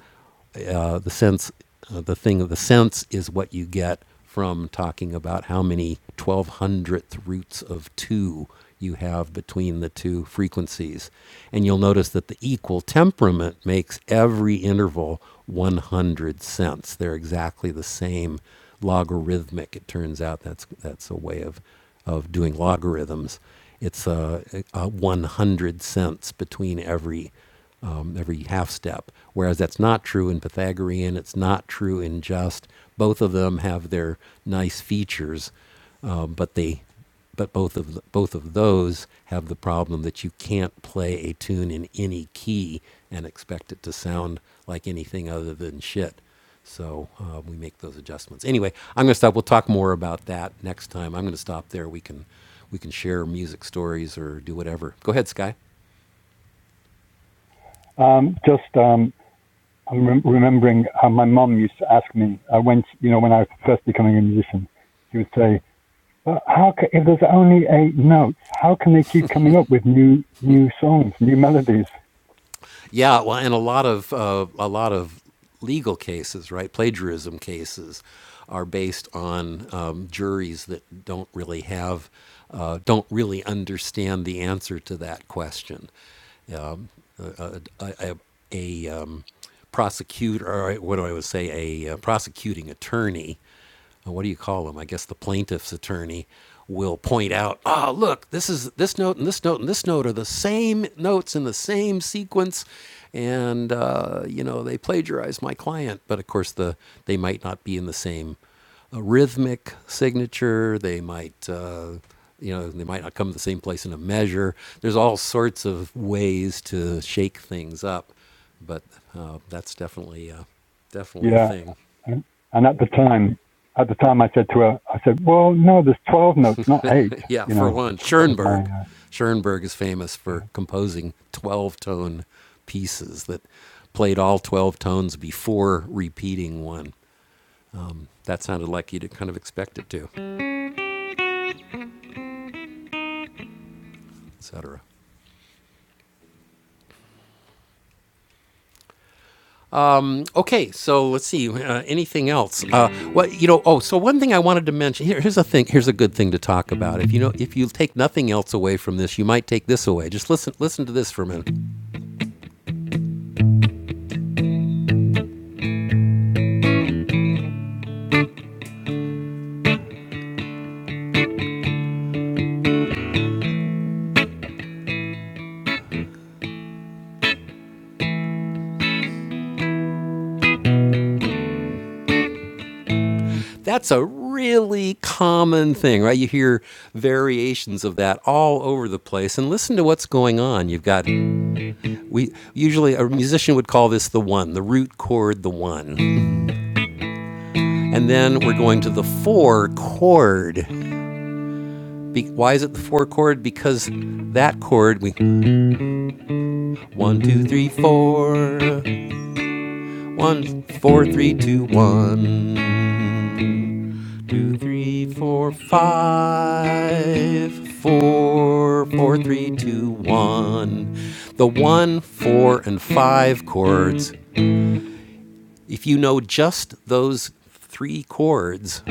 uh, the sense uh, the thing of the sense is what you get from talking about how many 1200th roots of 2 you have between the two frequencies and you'll notice that the equal temperament makes every interval 100 cents they're exactly the same logarithmic it turns out that's that's a way of of doing logarithms it's a, a 100 cents between every um, every half step. Whereas that's not true in Pythagorean, it's not true in Just. Both of them have their nice features, um, but they, but both of the, both of those have the problem that you can't play a tune in any key and expect it to sound like anything other than shit. So uh, we make those adjustments. Anyway, I'm going to stop. We'll talk more about that next time. I'm going to stop there. We can we can share music stories or do whatever. Go ahead, Sky. um, just. Um, I'm rem- remembering how my mum used to ask me I went, you know, when I was first becoming a musician, she would say, "But how can if there's only eight notes, how can they keep coming up with new, new songs, new melodies?" Yeah, well, and a lot of uh, a lot of legal cases, right? Plagiarism cases are based on um, juries that don't really have. Uh, don't really understand the answer to that question. A, a, a, a um, prosecutor, or what do I would say, a, uh prosecuting attorney uh, what do you call them? I guess the plaintiff's attorney will point out, ah, look, this is this note and this note and this note are the same notes in the same sequence, and uh, you know they plagiarized my client, but of course the they might not be in the same a rhythmic signature. They might, uh, you know, they might not come to the same place in a measure. There's all sorts of ways to shake things up, but uh, that's definitely, uh, definitely a Yeah. thing. And, and at the time, at the time I said to her, I said, well, no, there's 12 notes, not eight, Yeah, you for know, one, which that was my, Schoenberg. uh, Schoenberg is famous yeah. for composing 12 tone pieces that played all 12 tones before repeating one. That sounded like you'd kind of expect it to, etc. Okay, so let's see. Uh, anything else? Uh, what you know? Oh, so one thing I wanted to mention here. Here's a thing. Here's a good thing to talk about. If you know, if you take nothing else away from this, you might take this away. Just listen. Listen to this for a minute. That's a really common thing, right? You hear variations of that all over the place. And listen to what's going on. You've got we usually a musician would call this the one, the root chord, the one. And then we're going to the four chord. Be, why is it the four chord? Because that chord we one, two, three, four, one, four, three, two, one. two, three, four, five, four, four, three, two, one. The one, four, and five chords if you know just those three chords,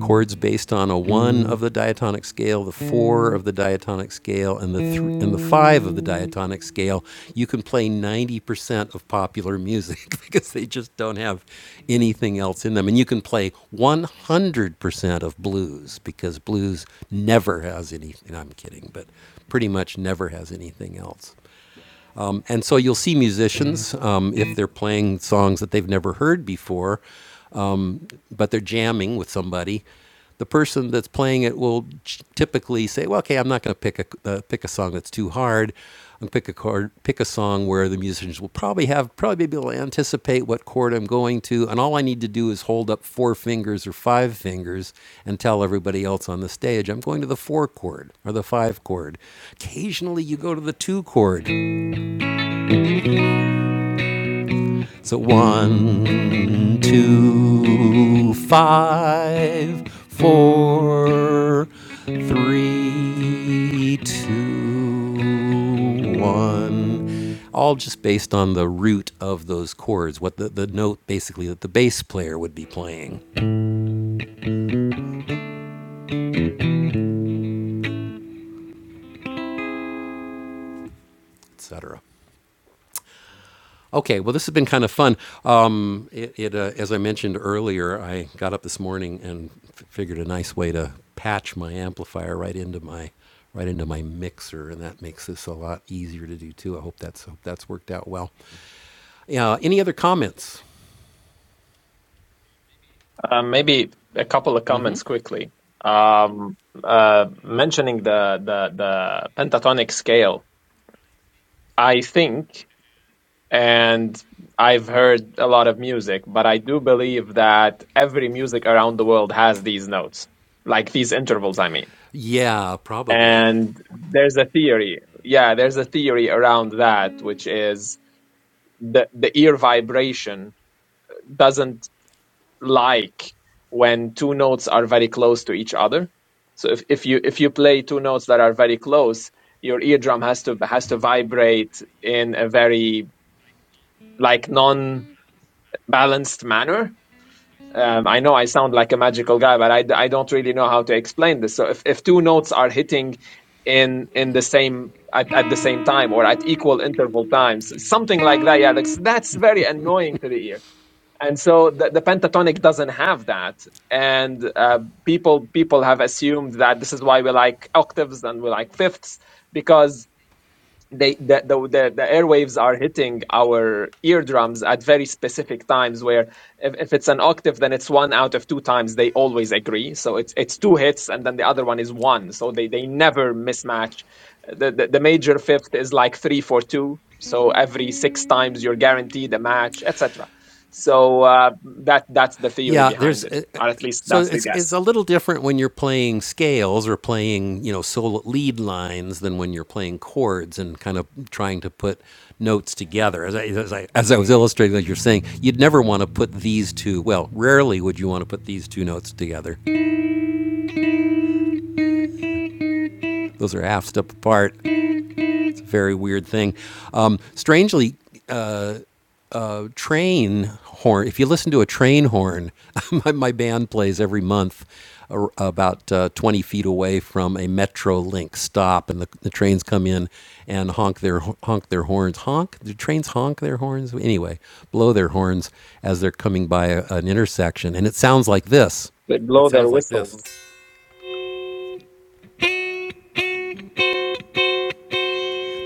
chords based on a one of the diatonic scale, the four of the diatonic scale, and the th- and the five of the diatonic scale, you can play 90% of popular music because they just don't have anything else in them. And you can play 100% of blues because blues never has any. and I'm kidding, but pretty much never has anything else. And so you'll see musicians, um, if they're playing songs that they've never heard before, but they're jamming with somebody, the person that's playing it will typically say, "Well, okay, I'm not going to pick a uh, pick a song that's too hard. I'm pick a chord, pick a song where the musicians will probably have probably be able to anticipate what chord I'm going to, and all I need to do is hold up four fingers or five fingers and tell everybody else on the stage I'm going to the four chord or the five chord. Occasionally, you go to the two chord. So one, two, five, four, three, two, one. All just based on the root of those chords, what the, the note basically that the bass player would be playing, etc. Okay, well, this has been kind of fun. Um, it, it uh, as I mentioned earlier, I got up this morning and f- figured a nice way to patch my amplifier right into my right into my mixer, and that makes this a lot easier to do too. I hope that's hope that's worked out well. Yeah. any other comments? um, maybe a couple of comments quickly. Um, uh, mentioning the, the the pentatonic scale, I think, and I've heard a lot of music, but I do believe that every music around the world has these notes, like these intervals. I mean, Yeah, probably. and there's a theory. Yeah, there's a theory around that, which is the the ear vibration doesn't like when two notes are very close to each other so if, if you if you play two notes that are very close your eardrum has to has to vibrate in a very like non balanced manner um, I know I sound like a magical guy, but I I d- I don't really know how to explain this. So if, if two notes are hitting in in the same at, at the same time or at equal interval times, something like that, yeah, that's, that's very annoying to the ear and so the, the pentatonic doesn't have that and uh, people people have assumed that this is why we like octaves and we like fifths because they the, the the the airwaves are hitting our eardrums at very specific times where if, if it's an octave then it's one out of two times they always agree so it's it's two hits and then the other one is one so they they never mismatch the the, the major fifth is like three for two so every six times you're guaranteed a match etc so uh, that that's the theory Yeah, behind there's it uh, uh, or at least so that's the it's it's guess a little different when you're playing scales or playing you know solo lead lines than when you're playing chords and kind of trying to put notes together. As I as I, as I was illustrating, as you're saying, you'd never want to put these two. Well, rarely would you want to put these two notes together. Those are half step apart. It's a very weird thing. Um, strangely, uh, train horn. If you listen to a train horn, my, my band plays every month ar- about uh, 20 feet away from a Metrolink stop, and the, the trains come in and honk their honk their horns. Honk the trains honk their horns anyway, blow their horns as they're coming by a, an intersection, and it sounds like this. they It blow their sounds like this. whistles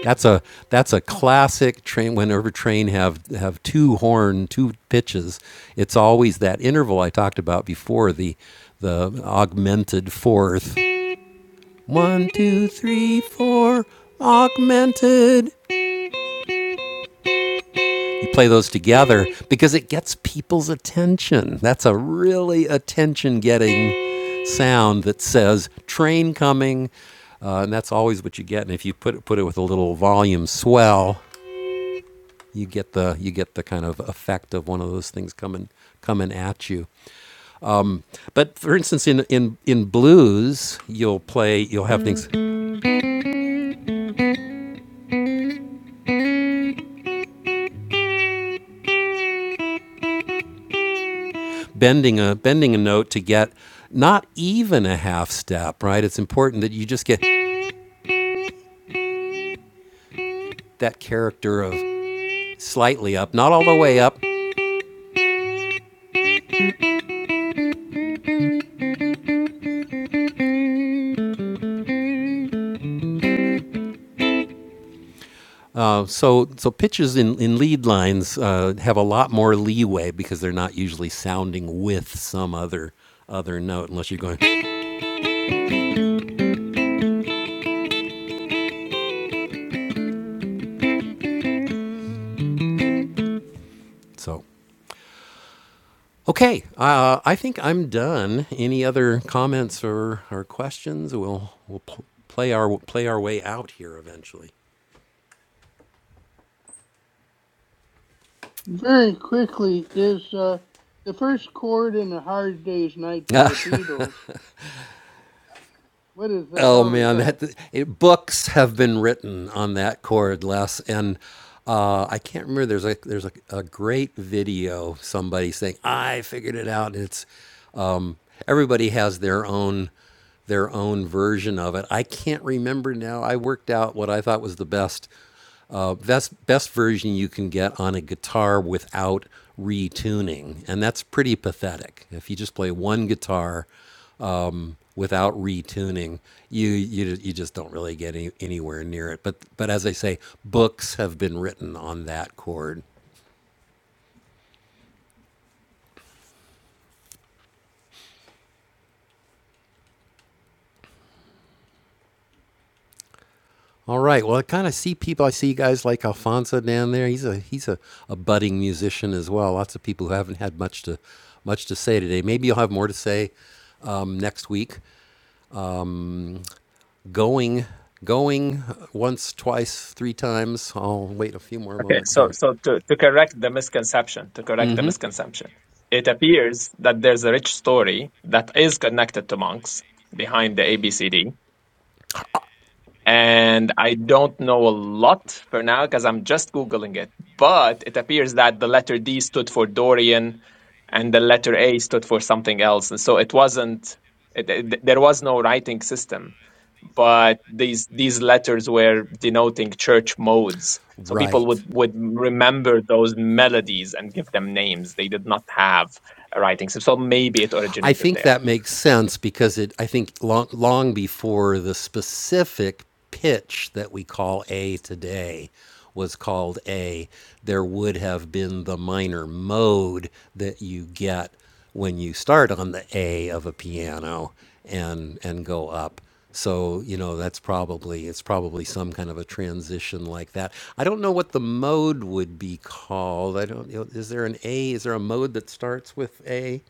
That's a that's a classic train. Whenever train have have two horn, two pitches, it's always that interval I talked about before the the augmented fourth. One, two, three, four. Augmented. You play those together because it gets people's attention. That's a really attention getting sound that says train coming, uh, and that's always what you get. And if you put it, put it with a little volume swell, you get the you get the kind of effect of one of those things coming coming at you. But for instance, in in in blues, you'll play you'll have things bending a bending a note to get not even a half step. Right? It's important that you just get that character of slightly up, not all the way up. Uh, so so pitches in in lead lines uh, have a lot more leeway because they're not usually sounding with some other other note unless you're going so. Okay, uh, I think I'm done. Any other comments or, or questions? We'll we'll pl- play our play our way out here eventually. Very quickly is uh, the first chord in "A Hard Day's Night" by the Beatles. What is the oh hell is man, that? that it, books have been written on that chord, Les, and uh, I can't remember. There's a there's a, a great video somebody saying I figured it out. It's um, everybody has their own their own version of it. I can't remember now. I worked out what I thought was the best uh, best best version you can get on a guitar without retuning, and that's pretty pathetic. If you just play one guitar. uh, without retuning, you you you just don't really get any, anywhere near it. But but as I say, books have been written on that chord. All right. Well, I kind of see people. I see guys like Alfonso down there. He's a he's a, a budding musician as well. Lots of people who haven't had much to much to say today. Maybe you'll have more to say um, next week. Going going once, twice, three times. I'll wait a few more Okay, moments so here. so to, to correct the misconception, to correct the misconception, it appears that there's a rich story that is connected to monks behind the ABCD, and I don't know a lot for now because I'm just Googling it. But it appears that the letter D stood for Dorian and the letter A stood for something else. And so it wasn't, it, it- there was no writing system, but these, these letters were denoting church modes. So people Right. would, would remember those melodies and give them names. They did not have a writing system. So maybe it I originated think there. that makes sense because it. I think long long before the specific pitch that we call A today was called A, there would have been the minor mode that you get when you start on the A of a piano and and go up. So you know that's probably it's probably some kind of a transition like that. I don't know what the mode would be called. I don't. You know, is there an A? Is there a mode that starts with A?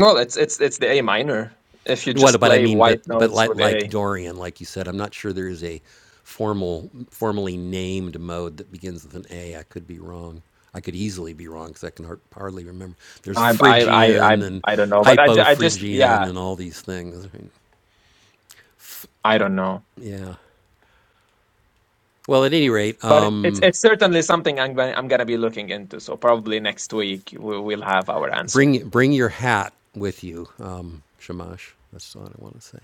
Well, it's, it's, it's the A minor. If you What just but I play mean, white but but notes like with A. like Dorian, like you said, I'm not sure there is a formal formally named mode that begins with an A. I could be wrong. I could easily be wrong because I can har- hardly remember. There's I I I I Phrygian and I don't know, but I, ju- I just yeah, Hypophrygian and all these things. I mean, I don't know. Yeah. Well, at any rate, But it, it's um, it's certainly something I'm going I'm gonna be looking into. So probably next week we will have our answer. bring bring your hat with you, um, Shamash. That's what I want to say.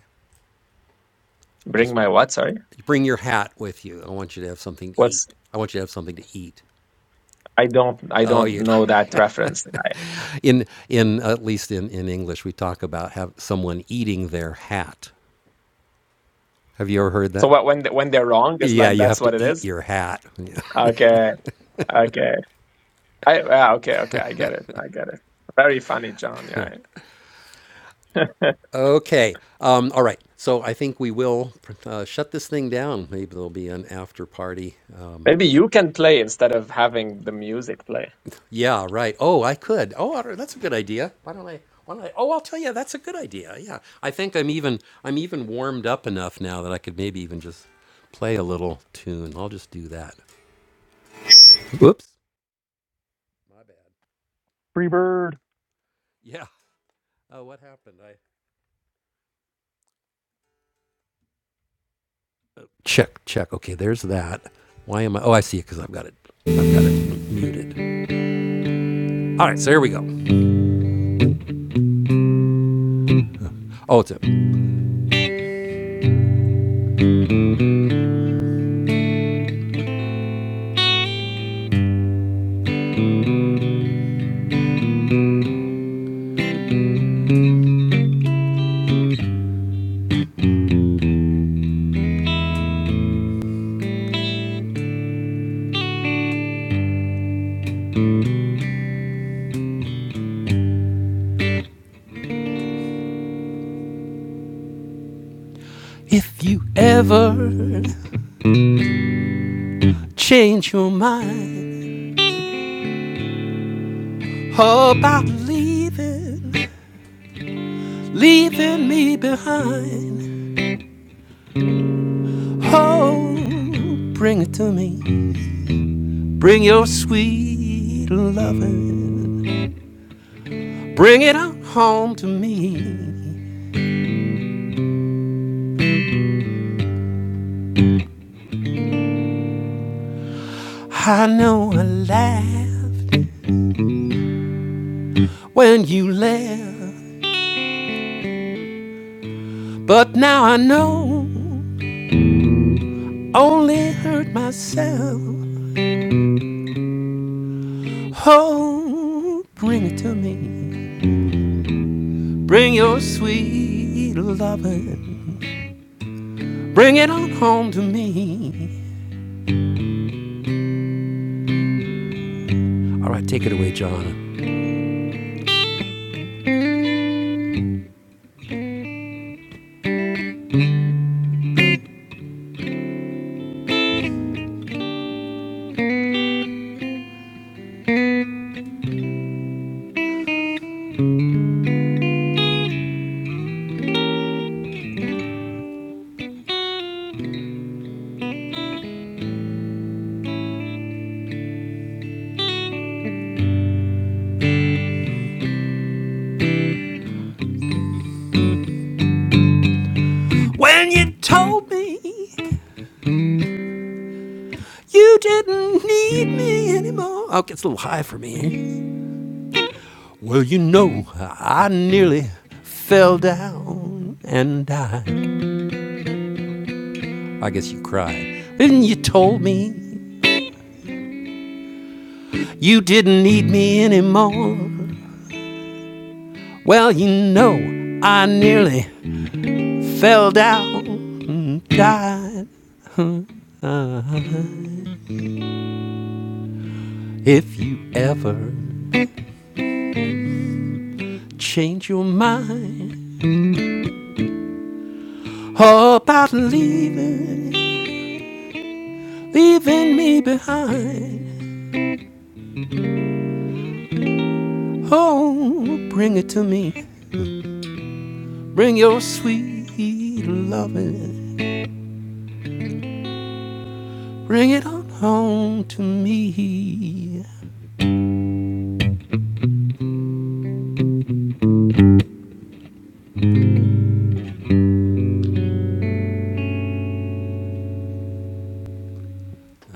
Bring Just my what? Sorry, bring your hat with you. I want you to have something to eat. what's I want you to have something to eat. I don't I Oh, don't you. know that reference. I, In in at least in, in English, we talk about have someone eating their hat. Have you ever heard so that? what when they- when they're wrong is Yeah, like you that's have to what it eat is. your hat. Okay, okay, I uh, okay okay I get it I get it. Very funny, John. Yeah, yeah. okay. Um, all right. So I think we will uh, shut this thing down. Maybe there'll be an after party. Um, maybe you can play instead of having the music play. yeah. Right. Oh, I could. Oh, that's a good idea. Why don't I? Why don't I? Oh, I'll tell you. That's a good idea. Yeah. I think I'm even I'm even warmed up enough now that I could maybe even just play a little tune. I'll just do that. Whoops. My bad. free bird. Yeah. Oh, what happened? I check, check. Okay, there's that. Why am I? Oh, I see it because I've got it. I've got it muted. All right, so here we go. Oh, it's a. If you ever change your mind about leaving, leaving me behind, oh, bring it to me. Bring your sweet loving. Bring it on home to me. I know I laughed when you left. But now I know, only hurt myself. Oh, bring it to me. Bring your sweet loving. Bring it on home to me. All right, take it away, John. When you told me you didn't need me anymore. Oh, it gets a little high for me. Well, you know, I nearly fell down and died. I guess you cried. Then you told me You didn't need me anymore. Well, you know, I nearly fell down and died. Uh, if you ever change your mind about leaving, leaving me behind, oh, bring it to me. Bring your sweet loving. Bring it on home to me.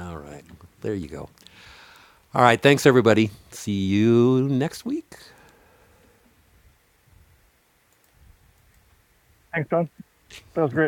All right. There you go. All right. Thanks, everybody. See you next week. Thanks, that was great.